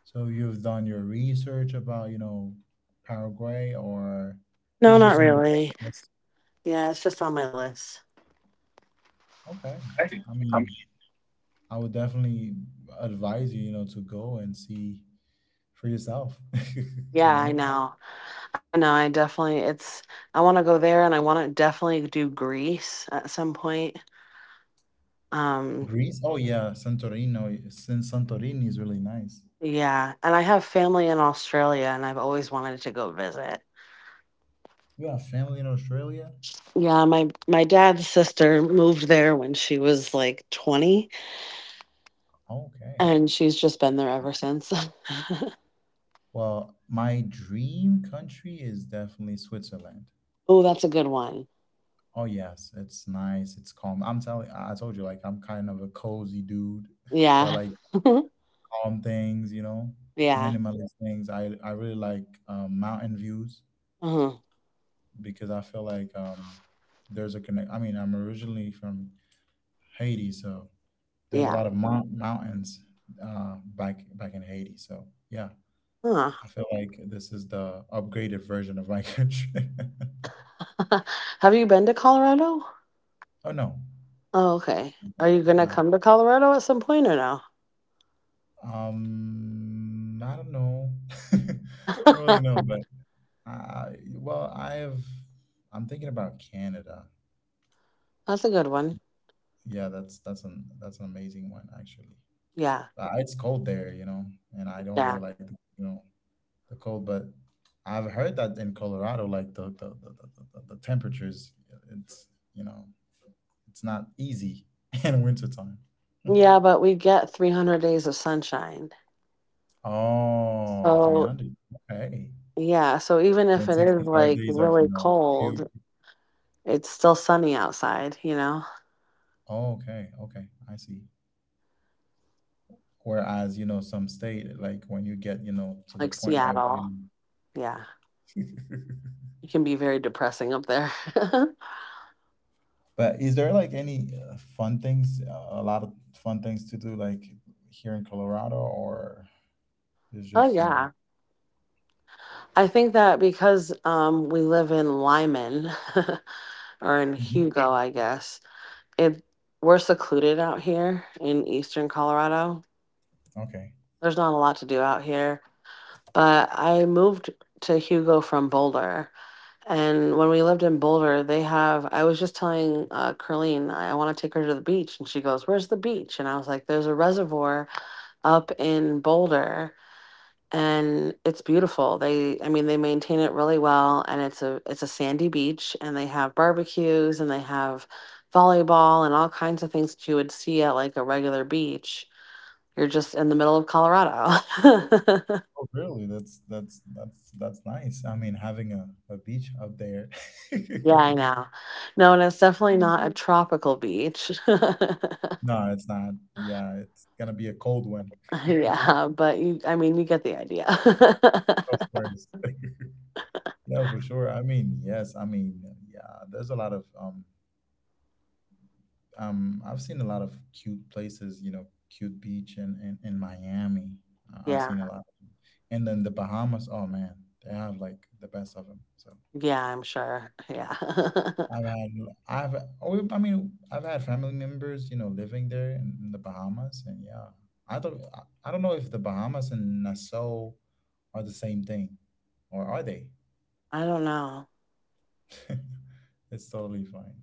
A: So you've done your research about, you know, Paraguay, or
B: No,
A: it's
B: not
A: just on your
B: really.
A: list?
B: Yeah, it's just on my list.
A: Okay.
B: Hey.
A: I mean, I would definitely advise you, you know, to go and see for yourself,
B: Yeah,
A: you
B: I
A: know?
B: know. I know. I definitely it's I want to go there and I want to definitely do Greece at some point. Um
A: Greece? Oh yeah, Santorino. Since Santorini is really nice.
B: yeah, and I have family in Australia and I've always wanted to go visit.
A: You have family in Australia?
B: Yeah, my dad's sister moved there when she was like 20,
A: Okay.
B: and she's just been there ever since.
A: Well, my dream country is definitely Switzerland.
B: Oh, that's a good one.
A: Oh yes, it's nice, it's calm. I'm telling I told you, like, I'm kind of a cozy dude. So I
B: Yeah.
A: like calm things, you know,
B: Yeah.
A: minimalist things. I really like mountain views
B: Uh-huh.
A: because I feel like there's a connect I mean, I'm originally from Haiti, so there's a
B: Yeah.
A: lot of mountains back in Haiti. So, yeah,
B: Huh.
A: I feel like this is the upgraded version of my country.
B: Have you been to Colorado?
A: Oh no.
B: Oh, okay. Are you gonna come to Colorado at some point or no?
A: I don't know. I don't really know, but I well, I'm thinking about Canada.
B: That's a good one.
A: Yeah, that's that's an amazing one actually.
B: Yeah.
A: It's cold there, you know, and I don't really
B: Yeah.
A: like the, you know the cold, but I've heard that in Colorado, like the temperatures, it's you know it's not easy in wintertime.
B: Yeah, but we get 300 days of sunshine.
A: Oh,
B: So,
A: 300. Okay.
B: yeah, so even if
A: Then
B: it is
A: 65
B: like
A: days of,
B: really
A: you know, pure
B: cold, it's still sunny outside, you know?
A: Oh, okay, okay, I see. Whereas, you know, some state, like when you get, you know, to the
B: Like
A: point of, you
B: Seattle.
A: know,
B: Yeah. It can be very depressing up there.
A: but is there like any a lot of fun things to do like here in Colorado, or it's
B: Oh,
A: just, you know,
B: yeah. I think that because, we live in Lyman, or in
A: mhm.
B: Hugo, I guess, it we're secluded out here in Eastern Colorado.
A: Okay.
B: There's not a lot to do out here, but I moved to Hugo from Boulder. And when we lived in Boulder, they have I was just telling, Curleen, I want to take her to the beach, and she goes, "Where's the beach?" And I was like, "There's a reservoir up in Boulder and it's beautiful. They I mean they maintain it really well, and it's a sandy beach and they have barbecues and they have volleyball and all kinds of things that you would see at like a regular beach. You're just in the middle of Colorado."
A: Oh, really? That's that's nice. I mean, having a beach up there.
B: Yeah, I know. No, and it's definitely not a tropical beach.
A: No, it's not. Yeah, it's gonna be a cold one.
B: Yeah, but you I mean you get the idea.
A: Of course. No, for sure. I mean, yes. I mean, yeah. There's a lot of I've seen a lot of cute places. You know, cute beach in in Miami. I've seen a
B: Yeah.
A: lot, and then the Bahamas. Oh man, they have like the best of them. So
B: Yeah, I'm sure. Yeah.
A: I've had I've oh, I mean I've had family members you know living there in the Bahamas, and yeah. I don't know if the Bahamas and Nassau are the same thing, or are they?
B: I don't know.
A: It's totally fine.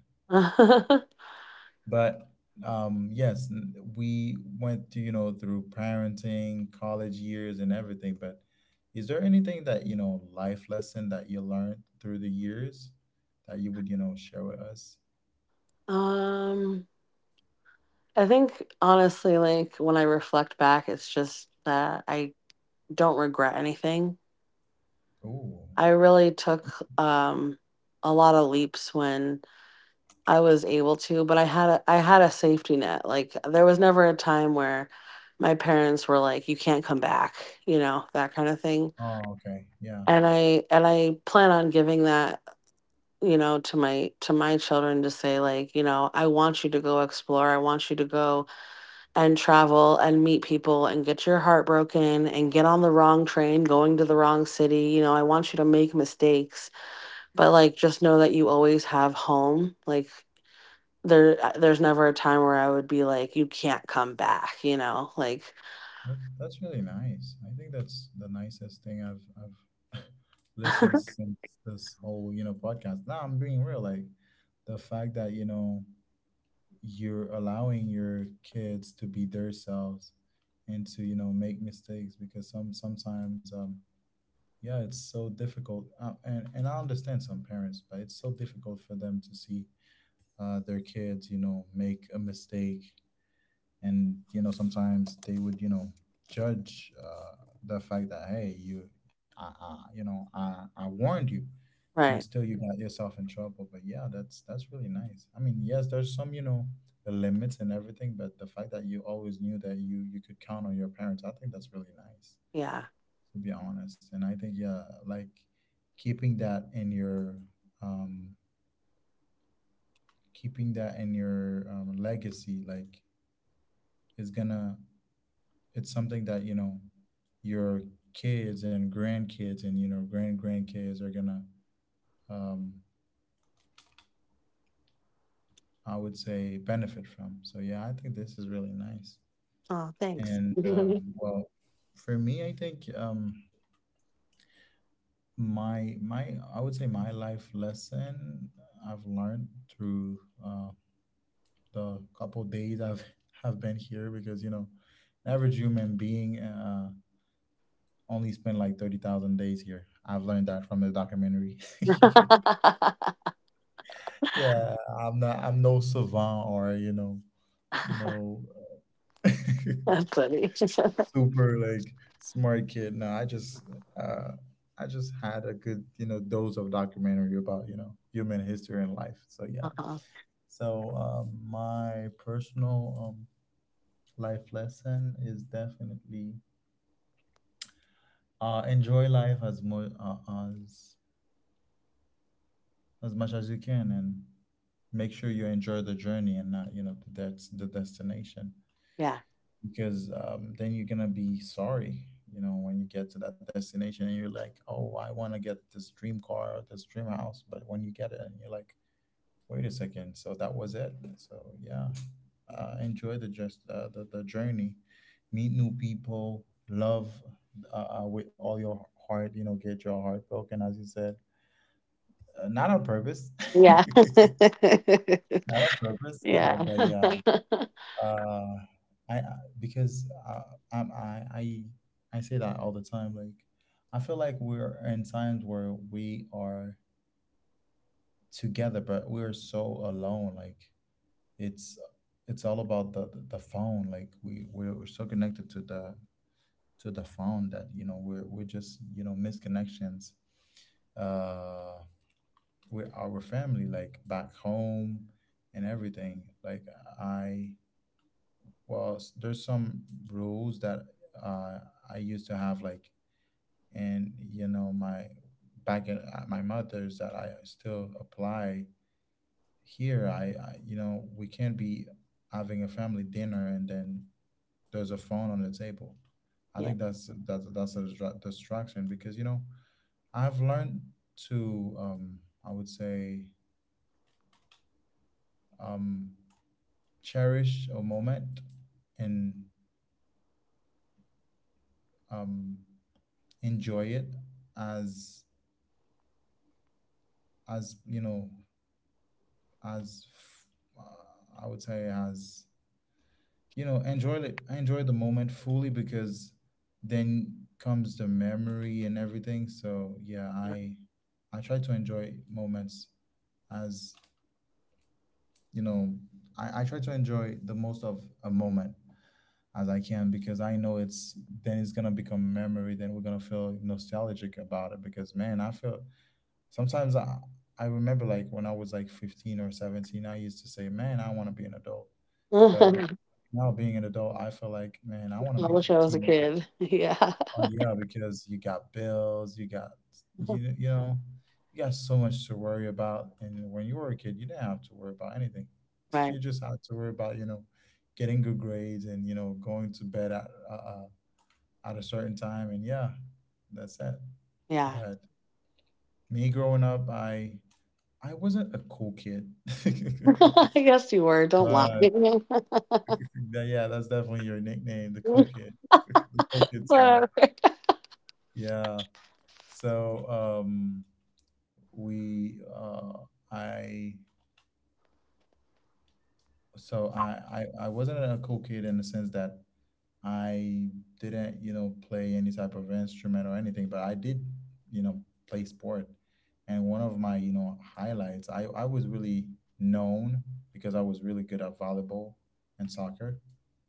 A: But yes, we went to, you know, through parenting, college years, and everything. But is there anything that, you know, life lesson that you learned through the years that you would, you know, share with us?
B: um I think honestly, like when I reflect back, it's just that I don't regret anything.
A: Ooh.
B: I really took um a lot of leaps when I was able to, but I had a safety net. Like there was never a time where my parents were like, "You can't come back," you know, that kind of thing.
A: Oh, okay. Yeah.
B: And I plan on giving that, you know, to my children, to say like, you know, I want you to go explore, I want you to go and travel and meet people and get your heart broken and get on the wrong train going to the wrong city. You know, I want you to make mistakes, but like just know that you always have home. Like there's never a time where I would be like, "You can't come back," you know? Like
A: That's really nice. I think that's the nicest thing I've listened since this whole, you know, podcast. Now I'm being real, like the fact that, you know, you're allowing your kids to be their selves and to make mistakes because sometimes yeah, it's so difficult, and I understand some parents, but it's so difficult for them to see their kids, make a mistake. And sometimes they would judge the fact that, hey, you, I warned you, and
B: right.
A: still you got yourself in trouble. But yeah, that's really nice. I mean, yes, there's some, you know, the limits and everything, but the fact that you always knew that you could count on your parents, I think that's really nice,
B: Yeah.
A: to be honest. And I think, yeah, like keeping that in your um keeping that in your legacy, like, is gonna, it's something that, you know, your kids and grandkids and grandkids are gonna um I would say, benefit from. So yeah, I think this is really nice.
B: Oh, thanks.
A: And
B: That's
A: well, for me, I think, my I would say my life lesson I've learned through uh, the couple days I've have been here, because you know, an average human being only spend like 30,000 days here. I've learned that from the documentary. Yeah, I'm no savant, or you know, no.
B: funny.
A: Super like smart kid. No, uh I just had a good, you know, dose of documentary about, you know, human history and life. So yeah.
B: Uh-huh.
A: So my personal life lesson is definitely, enjoy life as much, as as much as you can, and make sure you enjoy the journey and not, you know, the the destination.
B: Yeah.
A: Because then you're gonna be sorry, you know, when you get to that destination and you're like, oh, I want to get this dream car or this dream house, but when you get it, and you're like, wait a second, so that was it. So yeah, enjoy the journey. Meet new people, love with all your heart, you know, get your heart broken, as you said, not on purpose, not
B: Yeah.
A: on purpose,
B: Yeah.
A: but yeah. Uh, I- because I, I'm- I say that all the time. Like, I feel like we're in times where we are together, but we're so alone. Like, it's it's all about the phone. Like, we're so connected to the, to the phone, that you know, we're just, you know, misconnections. Uh, with our family, like, back home and everything. Like, I. Well, there's some rules that, uh, I used to have, like, and you know, my back in at my mother's, that I still apply here. I, you know, we can't be having a family dinner and then there's a phone on the table. I
B: Yeah.
A: think that's a distraction, because you know, I've learned to, I would say, um, cherish a moment and, um, enjoy it as as you know, as f- I would say, as you know, enjoy it, enjoy the moment fully, because then comes the memory and everything. So yeah, I try to enjoy moments as, you know, I try to enjoy the most of a moment as I can, because I know it's, then it's gonna become memory, then we're gonna feel nostalgic about it, because man, I feel, sometimes I, remember like when I was like 15 or 17, I used to say, "Man, I want to be an adult." But
B: I
A: now being an adult, I feel like, "Man, I want to be
B: wish I was a
A: 15 right now."
B: kid. Yeah.
A: Oh yeah, because you got bills, you got, you know, you got so much to worry about. And when you were a kid, you didn't have to worry about anything. You
B: Right.
A: just had to worry about, you know, getting good grades and, you know, going to bed at a certain time, and yeah, that's it.
B: Yeah.
A: But me growing up, I wasn't a cool kid.
B: Yes, you were. Don't lie.
A: But yeah, that's definitely your nickname, the cool kid. The cool kid Sarah.
B: Whatever.
A: Yeah. So we I so I wasn't a cool kid in the sense that I didn't, you know, play any type of instrument or anything, but I did, you know, play sport. And one of my, you know, highlights, I was really known because I was really good at volleyball and soccer.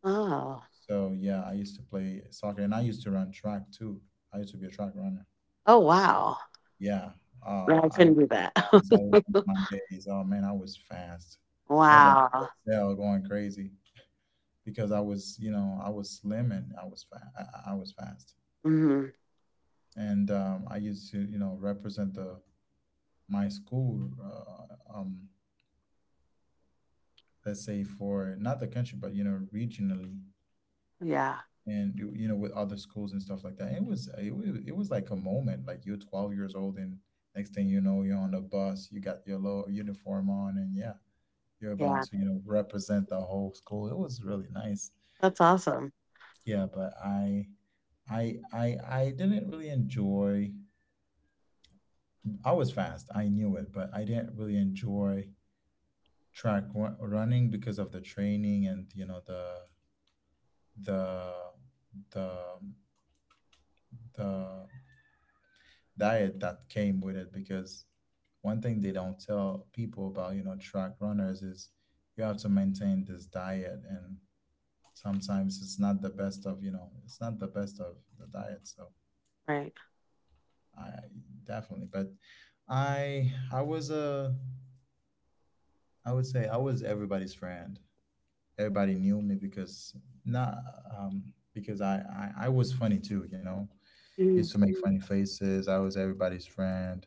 B: Oh.
A: So yeah, I used to play soccer and I used to run track too. I used to be a track runner.
B: Oh, wow.
A: Yeah.
B: No, I
A: I
B: couldn't do
A: was, I remember
B: that.
A: my days. Oh man, I was fast. I was like
B: Wow.
A: hell going crazy, because I was, you know, I was slim and I was fast. I was fast,
B: Hmm.
A: and I used to, you know, represent the my school. Let's say for not the country, but you know, regionally.
B: Yeah,
A: And you know, with other schools and stuff like that. It was, it was like a moment. Like, you're 12 years old, and next thing you know, you're on the bus. You got your little uniform on, and yeah, you're about
B: yeah.
A: to, you know, represent the whole school. It was really nice.
B: That's awesome.
A: Yeah, but I. I didn't really enjoy. I was fast, I knew it, but I didn't really enjoy running, because of the training and, you know, the the the diet that came with it, because one thing they don't tell people about, you know, track runners, is you have to maintain this diet, and sometimes it's not the best of, you know, it's not the best of the diet. So
B: Right.
A: I definitely, but I was a, I would say I was everybody's friend. Everybody knew me because, not, because I was funny too, you know,
B: Mm-hmm.
A: used to make funny faces. I was everybody's friend.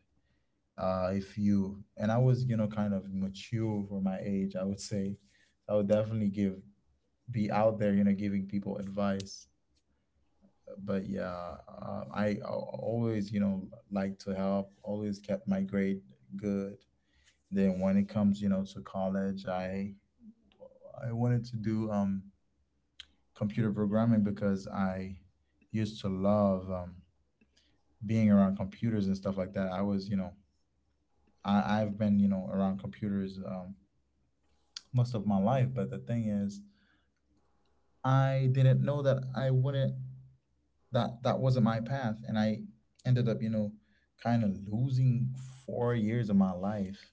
A: If you, and I was, you know, kind of mature for my age, I would say. I would definitely give, be out there, you know, giving people advice. But yeah, I always, you know, like to help, always kept my grade good. Then when it comes, you know, to college, I wanted to do, computer programming, because I used to love, being around computers and stuff like that. I was, you know, I've been, you know, around computers, most of my life. But the thing is, I didn't know that I wouldn't that that wasn't my path, and I ended up, you know, kind of losing 4 years of my life,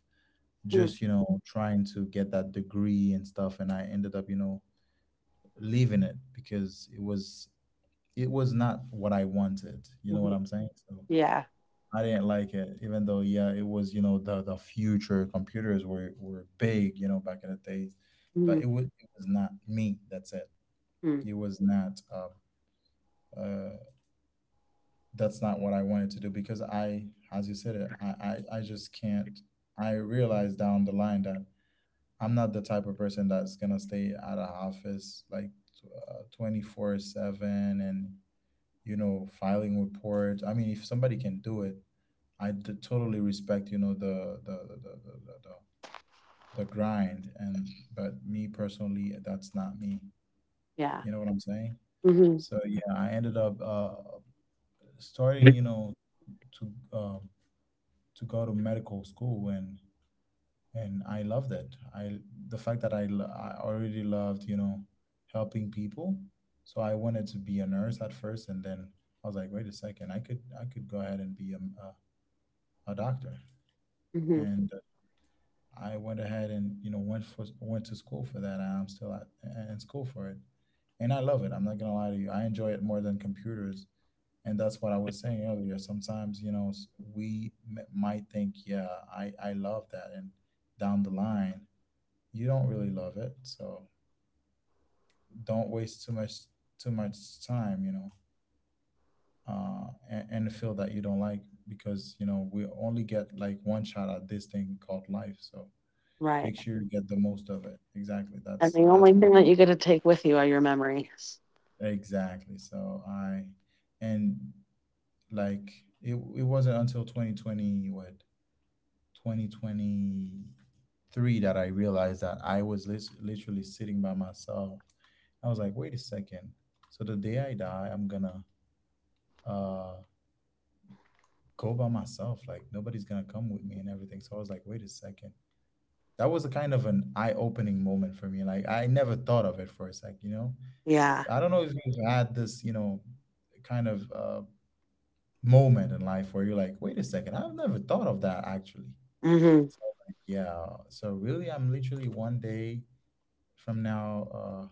A: just you know, trying to get that degree and stuff. And I ended up, you know, leaving it, because it was, it was not what I wanted. You know what I'm saying? So
B: Yeah.
A: I didn't like it, even though yeah, it was, you know, the, future, computers were big, you know, back in the days, but
B: Mm-hmm.
A: it was, it was not me. That's it. It was not, uh, that's not what I wanted to do, because I, as you said it, I just can't, I realized down the line that I'm not the type of person that's gonna stay at an office like 24/7, and you know, filing reports. I mean, if somebody can do it, totally respect, you know, the grind, and but me personally, that's not me.
B: Yeah.
A: You know what I'm saying?
B: Hmm.
A: So yeah, I ended up, starting, you know, to, to go to medical school, and I loved it. I, the fact that I already loved, you know, helping people, so I wanted to be a nurse at first, and then I was like, wait a second, I could, go ahead and be a, a, a doctor,
B: Hmm.
A: and I went ahead and, you know, went to school for that, and in school for it, and I love it. I'm not gonna lie to you, I enjoy it more than computers. And that's what I was saying earlier, sometimes you know, might think, yeah, I love that, and down the line, you don't really love it. So don't waste too much, too much time, you know, and feel that you don't like, because you know, we only get like one shot at this thing called life, so
B: Right.
A: make sure you get the most of it. Exactly.
B: And
A: that's
B: the
A: that's
B: only thing that you get to take with you are your memories.
A: exactly. So I, and, like, it wasn't until 2020, what, 2023, that I realized that I was literally sitting by myself. I was like, wait a second. So the day I die, I'm gonna, uh, go by myself. Like, nobody's gonna come with me and everything. So I was like, wait a second. That was a kind of an eye-opening moment for me. Like, I never thought of it for a sec.
B: Yeah.
A: I don't know if you've had this, kind of uh, moment in life where you're like, wait a second, I've never thought of that actually.
B: Hmm.
A: So I was like, yeah. So really, I'm literally 1 day from now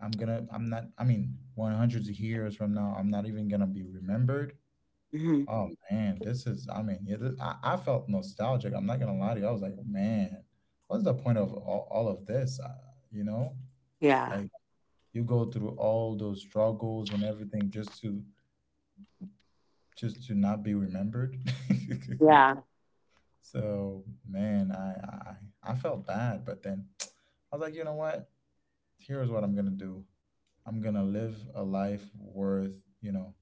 A: I'm gonna I'm not I mean 100 years from now I'm not even gonna be remembered.
B: Hmm.
A: Oh man, this is I mean yeah, I felt nostalgic, I'm not gonna lie to you. I was like, man, what's the point of all of this you know
B: Yeah.
A: like you go through all those struggles and everything just to not be remembered.
B: Yeah.
A: So man, I felt bad, but then I was like, you know what, here's what I'm gonna do. I'm gonna live a life worth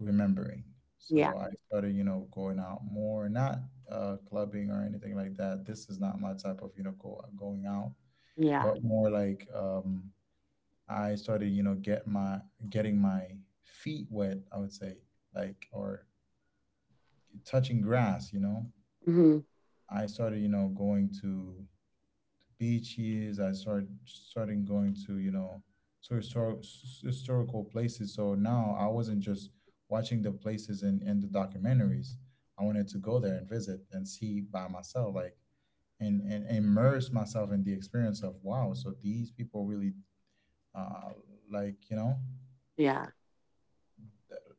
A: remembering.
B: Yeah.
A: So I started, you know, going out more, not clubbing or anything like that. This is not my type of, you know, going out,
B: Yeah.
A: but more like I started, you know, getting my feet wet, I would say, like, or touching grass. You know,
B: Hmm.
A: I started, you know, going to beach years, I started starting going to, you know, to historical places. So now I wasn't just watching the places in the documentaries. I wanted to go there and visit and see by myself, like, and immerse myself in the experience of wow. So these people really uh, like you know
B: Yeah.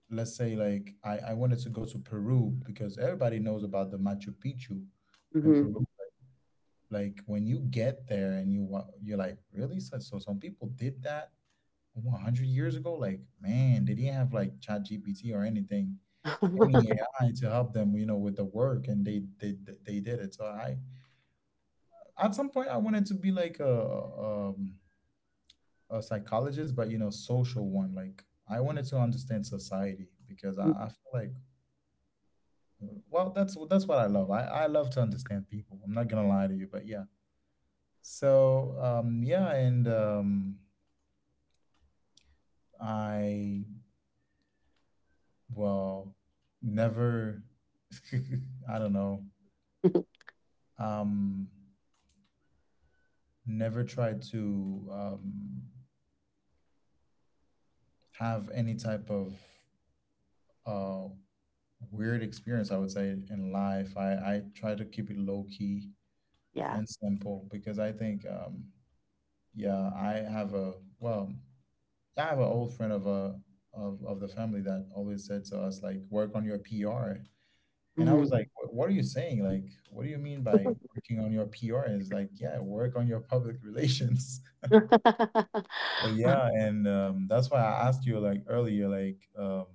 A: let's say, like, I wanted to go to Peru because everybody knows about the Machu Picchu in Peru.
B: Hmm.
A: Like when you get there and you're like, really? So some people did that 100 years ago. Like, man, they didn't have like ChatGPT or anything, any AI to help them, you know, with the work, and they did it. So I at some point I wanted to be like a psychologist, but, you know, social one. Like, I wanted to understand society because I feel like well, that's what I love. I love to understand people, I'm not gonna lie to you. But yeah. So yeah. And I, well, never I don't know. Um Never tried to have any type of uh weird experience, I would say, in life. I try to keep it low key
B: Yeah.
A: and simple because I think yeah, I have a, well, I have an old friend of of the family that always said to us, like, work on your PR. And I was
B: Hmm.
A: like, What are you saying? Like, what do you mean by working on your PR?" Is like, yeah, work on your public relations. So yeah. And that's why I asked you, like, earlier, like,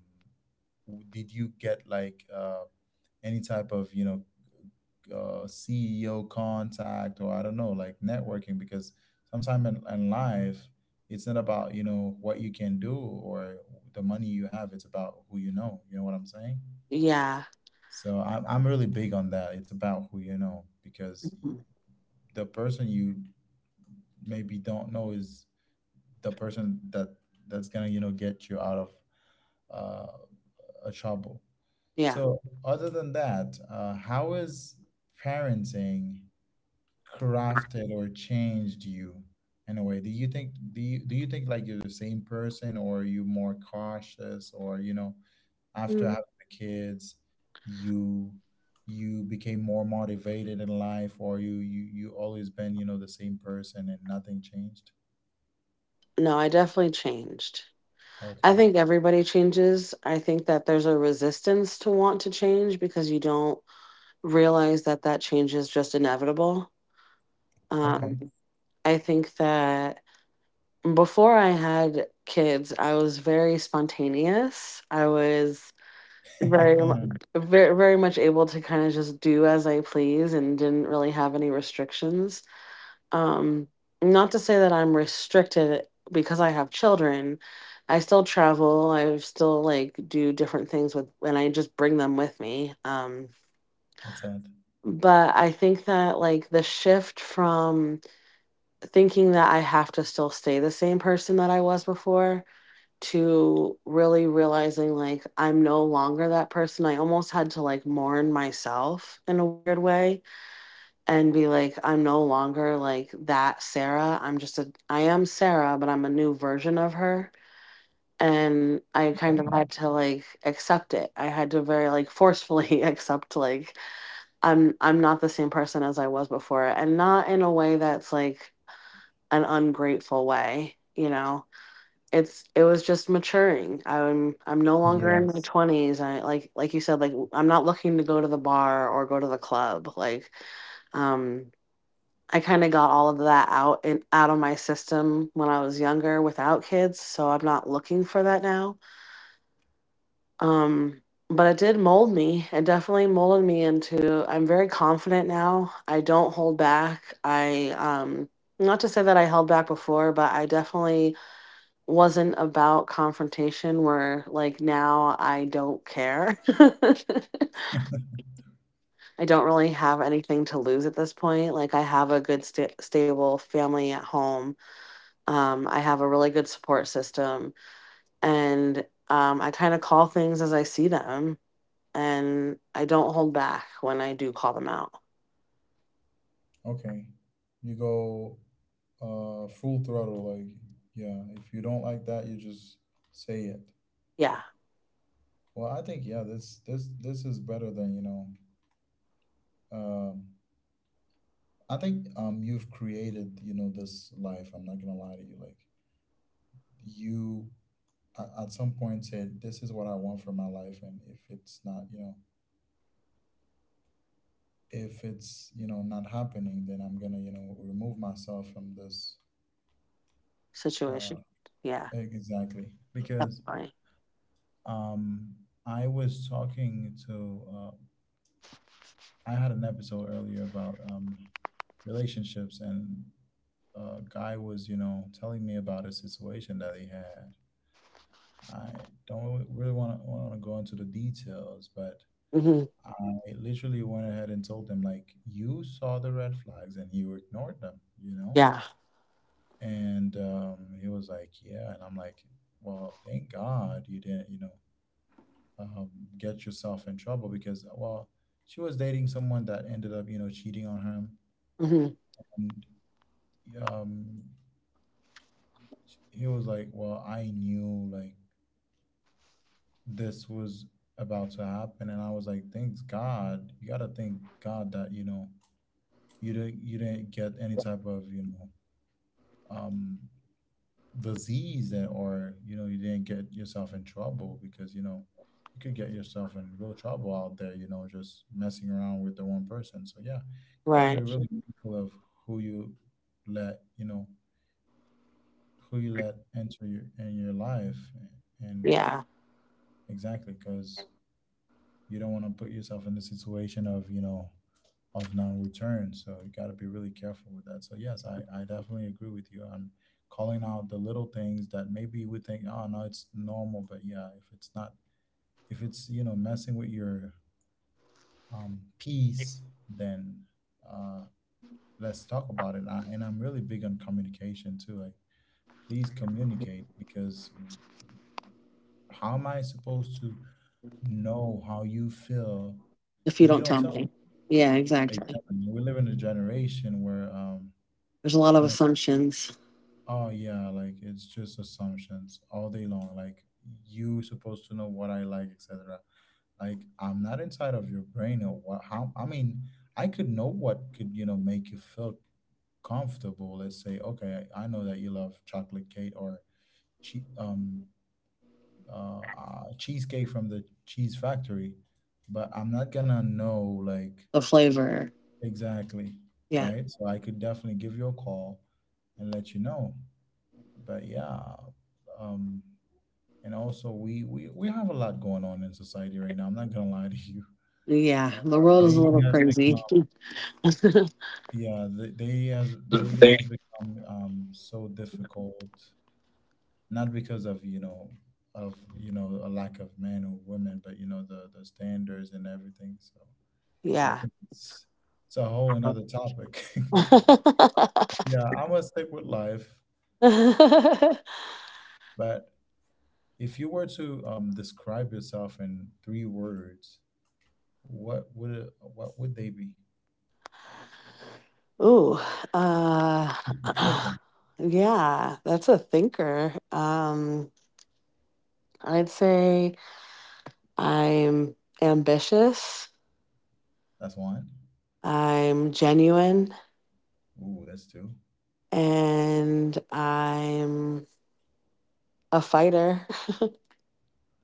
A: did you get like any type of, you know, CEO contact or, I don't know, like networking? Because sometimes in life, it's not about, you know, what you can do or the money you have. It's about who you know. You know what I'm saying?
B: Yeah.
A: So I'm really big on that. It's about who you know, because
B: Mhm.
A: the person you maybe don't know is the person that that's gonna, you know, get you out of uh, a trouble.
B: Yeah.
A: So other than that, how is parenting crafted or changed you in a way? Do you think do you think like you're the same person, or are you more cautious, or, you know, after
B: Mm.
A: having the kids, you became more motivated in life, or you always been, you know, the same person and nothing changed?
B: No, I definitely changed. I
A: Okay.
B: think everybody changes. I think that there's a resistance to want to change because you don't realize that that change is just inevitable.
A: Okay.
B: Um, I think that before I had kids, I was very spontaneous. I was very, very, very much able to kind of just do as I please and didn't really have any restrictions. Um, not to say that I'm restricted because I have children. I still travel. I still like do different things with, and I just bring them with me.
A: That's it.
B: But I think that like the shift from thinking that I have to still stay the same person that I was before to really realizing like I'm no longer that person. I almost had to like mourn myself in a weird way and be like, I'm no longer like that Sarah. I am Sarah, but I'm a new version of her. And I kind of
A: Okay.
B: had to like accept it. I had to very like forcefully accept like I'm not the same person as I was before, and not in a way that's like an ungrateful way. You know, it was just maturing. I'm no longer in my
A: Yes.
B: twenties. I like you said, like I'm not looking to go to the bar or go to the club. Like um I kinda got all of that out and out of my system when I was younger without kids, so I'm not looking for that now, um, but it did mold me. It definitely molded me into I'm very confident now, I don't hold back, not to say that I held back before, but I definitely wasn't about confrontation where, like, now I don't care. I don't really have anything to lose at this point, like, I have a good stable family at home. I have a really good support system, and I kind of call things as I see them, and I don't hold back when I do call them out.
A: Okay. You go full throttle, like, yeah, if you don't like that, you just say it.
B: Yeah,
A: Well, I think, yeah, this is better than, you know, um I think you've created, you know, this life, I'm not gonna lie to you. Like, you, at some point said, this is what I want for my life, and if it's not, you know, if it's, you know, not happening, then I'm gonna, you know, remove myself from this. uh
B: situation. Yeah,
A: exactly, because
B: definitely.
A: um I was talking to I had an episode earlier about relationships, and a guy was, you know, telling me about a situation that he had. I don't really want to go into the details, but
B: Hmm.
A: I literally went ahead and told them, like, you saw the red flags and you ignored them, you know?
B: Yeah.
A: And he was like, yeah. And I'm like, well, thank God you didn't, you know, um, get yourself in trouble because, well, she was dating someone that ended up, you know, cheating on him.
B: Hmm.
A: And um, he was like, well, I knew like this was about to happen. And I was like, thanks God. You got to thank God that, you know, you didn't, get any type of, you know, um, disease, and, or, you know, you didn't get yourself in trouble, because, you know, you could get yourself in real trouble out there, you know, just messing around with the wrong person. So yeah, gotta be
B: Right.
A: really mindful of who you, let you know who you let enter your in your life. And
B: Yeah.
A: exactly, because you don't want to put yourself in the situation of, you know, of non-return. So you got to be really careful with that. So yes, I definitely agree with you on calling out the little things that maybe we think, oh no, it's normal, but yeah, if it's not, if it's, you know, messing with your peace, then uh, let's talk about it. And I'm really big on communication too. Like, please communicate, because how am I supposed to know how you feel if you
B: If you
A: don't
B: don't
A: tell
B: tell
A: me?
B: me. Yeah, exactly.
A: Exactly. We live in a generation where
B: There's a lot of assumptions.
A: oh yeah, like it's just assumptions all day long. Like, you supposed to know what I like, etc. Like, I'm not inside of your brain, or what, how, I mean, I could know what could, you know, make you feel comfortable. Let's say, okay, I know that you love chocolate cake or che- um cheesecake from the cheese factory, but I'm not gonna know, like,
B: The flavor.
A: exactly,
B: Yeah.
A: right? So I could definitely give you a call and let you know. But yeah, um, and also we have a lot going on in society right now, I'm not gonna lie to you.
B: Yeah. The world is a
A: Dating
B: little
A: has become,
B: crazy.
A: yeah, the dating has become so difficult, not because of, you know, of, you know, a lack of men or women, but, you know, the standards and everything. So I
B: Yeah.
A: think it's a whole another topic. Yeah, I'm gonna stick with life. But if you were to describe yourself in three words, what would they be?
B: Ooh, uh,
A: Tough one.
B: yeah, that's a thinker. I'd say I'm ambitious,
A: That's one.
B: I'm genuine,
A: Ooh, that's two.
B: and I'm a fighter.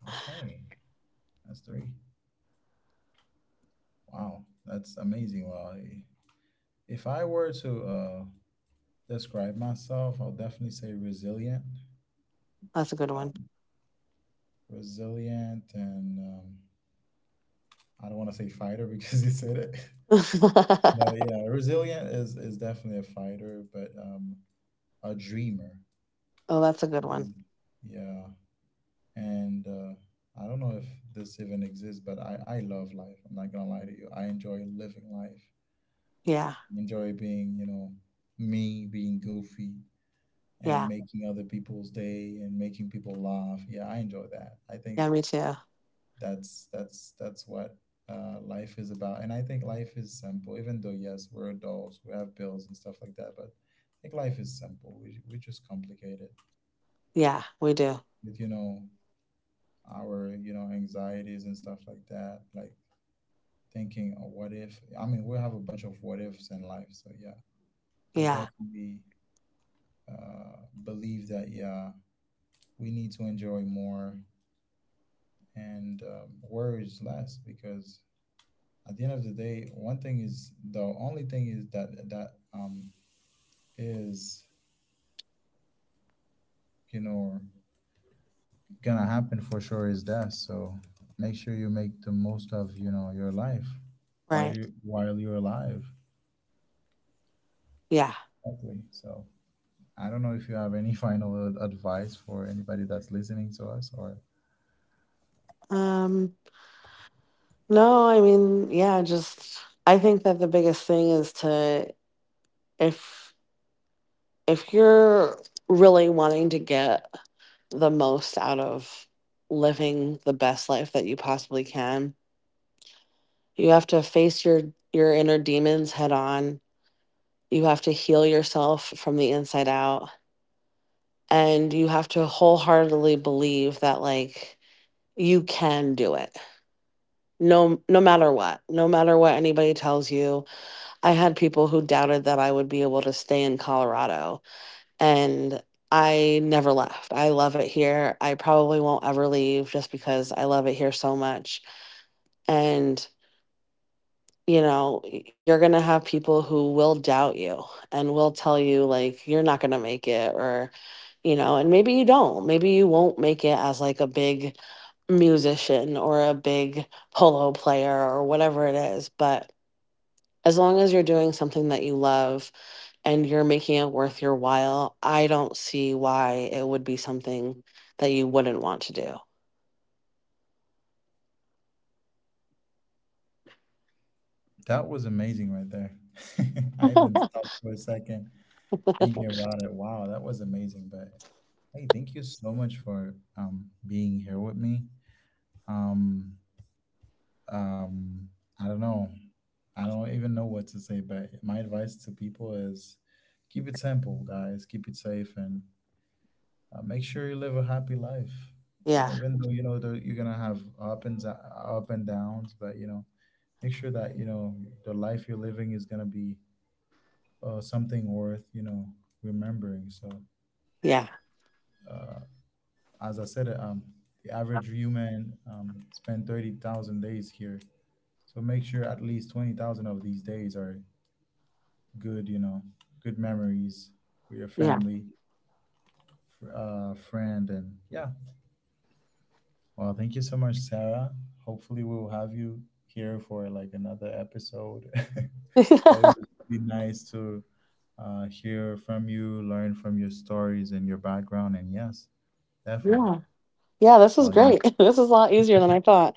A: Okay, that's three. Wow, that's amazing. Well, if I were to describe myself, I'll definitely say resilient,
B: That's a good one.
A: and I don't want to say fighter because you said it. But yeah, resilient is definitely a fighter, but a dreamer.
B: Oh, that's a good one.
A: Mm, yeah, and I don't know if this even exists, but I love life. I'm not gonna lie to you. I enjoy living life.
B: Yeah,
A: Enjoy being, you know, me, being goofy, and
B: yeah,
A: making other people's day and making people laugh. Yeah, I enjoy that. I think
B: yeah, me too.
A: that's what life is about. And I think life is simple. Even though yes, we're adults, we have bills and stuff like that, but I think life is simple. We just complicate it
B: Yeah, we do.
A: with, you know, our, you know, anxieties and stuff like that. Like, thinking, oh, what if? I mean, we have a bunch of what ifs in life. So, yeah, I
B: Yeah,
A: definitely believe that, yeah, we need to enjoy more and worries less, because at the end of the day, one thing is the only thing that is, you know, gonna happen for sure is death. So make sure you make the most of, you know, your life while
B: right.
A: you while you're alive.
B: Yeah.
A: Exactly. So I don't know if you have any final advice for anybody that's listening to us or
B: Um, no, I mean, yeah, just I think that the biggest thing is to if you're really wanting to get the most out of living the best life that you possibly can, you have to face your inner demons head on. You have to heal yourself from the inside out and you have to wholeheartedly believe that like you can do it. No No matter what. No matter what anybody tells you. I had people who doubted that I would be able to stay in Colorado, and I never left. I love it here. I probably won't ever leave just because I love it here so much. And, you know, you're going to have people who will doubt you and will tell you, like, you're not going to make it, or, you know, and maybe you don't. Maybe you won't make it as like a big musician or a big polo player or whatever it is. But as long as you're doing something that you love and you're making it worth your while, I don't see why it would be something that you wouldn't want to do.
A: that was amazing right there. I even stopped for a second thinking about it. Wow, that was amazing. But hey, thank you so much for being here with me. Um um I don't know. I don't even know what to say, but my advice to people is keep it simple, guys. Keep it safe, and make sure you live a happy life,
B: Yeah.
A: even though, you know, the, you're gonna have up and downs, but, you know, make sure that, you know, the life you're living is gonna be something worth, you know, remembering. So
B: Yeah.
A: as I said, um, the average human spend 30,000 days here, so make sure at least 20,000 of these days are good, you know, good memories with your
B: Yeah.
A: family, friend, and yeah. Well, thank you so much, Sarah. Hopefully, we'll have you here for like another episode. But it would be nice to hear from you, learn from your stories and your background. And yes, definitely.
B: Yeah. Yeah. This was
A: Well, you
B: great. This is a lot easier than I thought.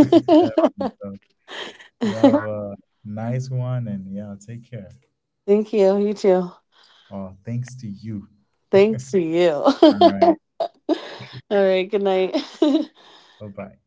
A: definitely. So you have a nice one, and yeah, take care.
B: Thank you. You too.
A: Well, thanks to you.
B: Thanks to you.
A: All right.
B: All right. Good night.
A: Bye bye.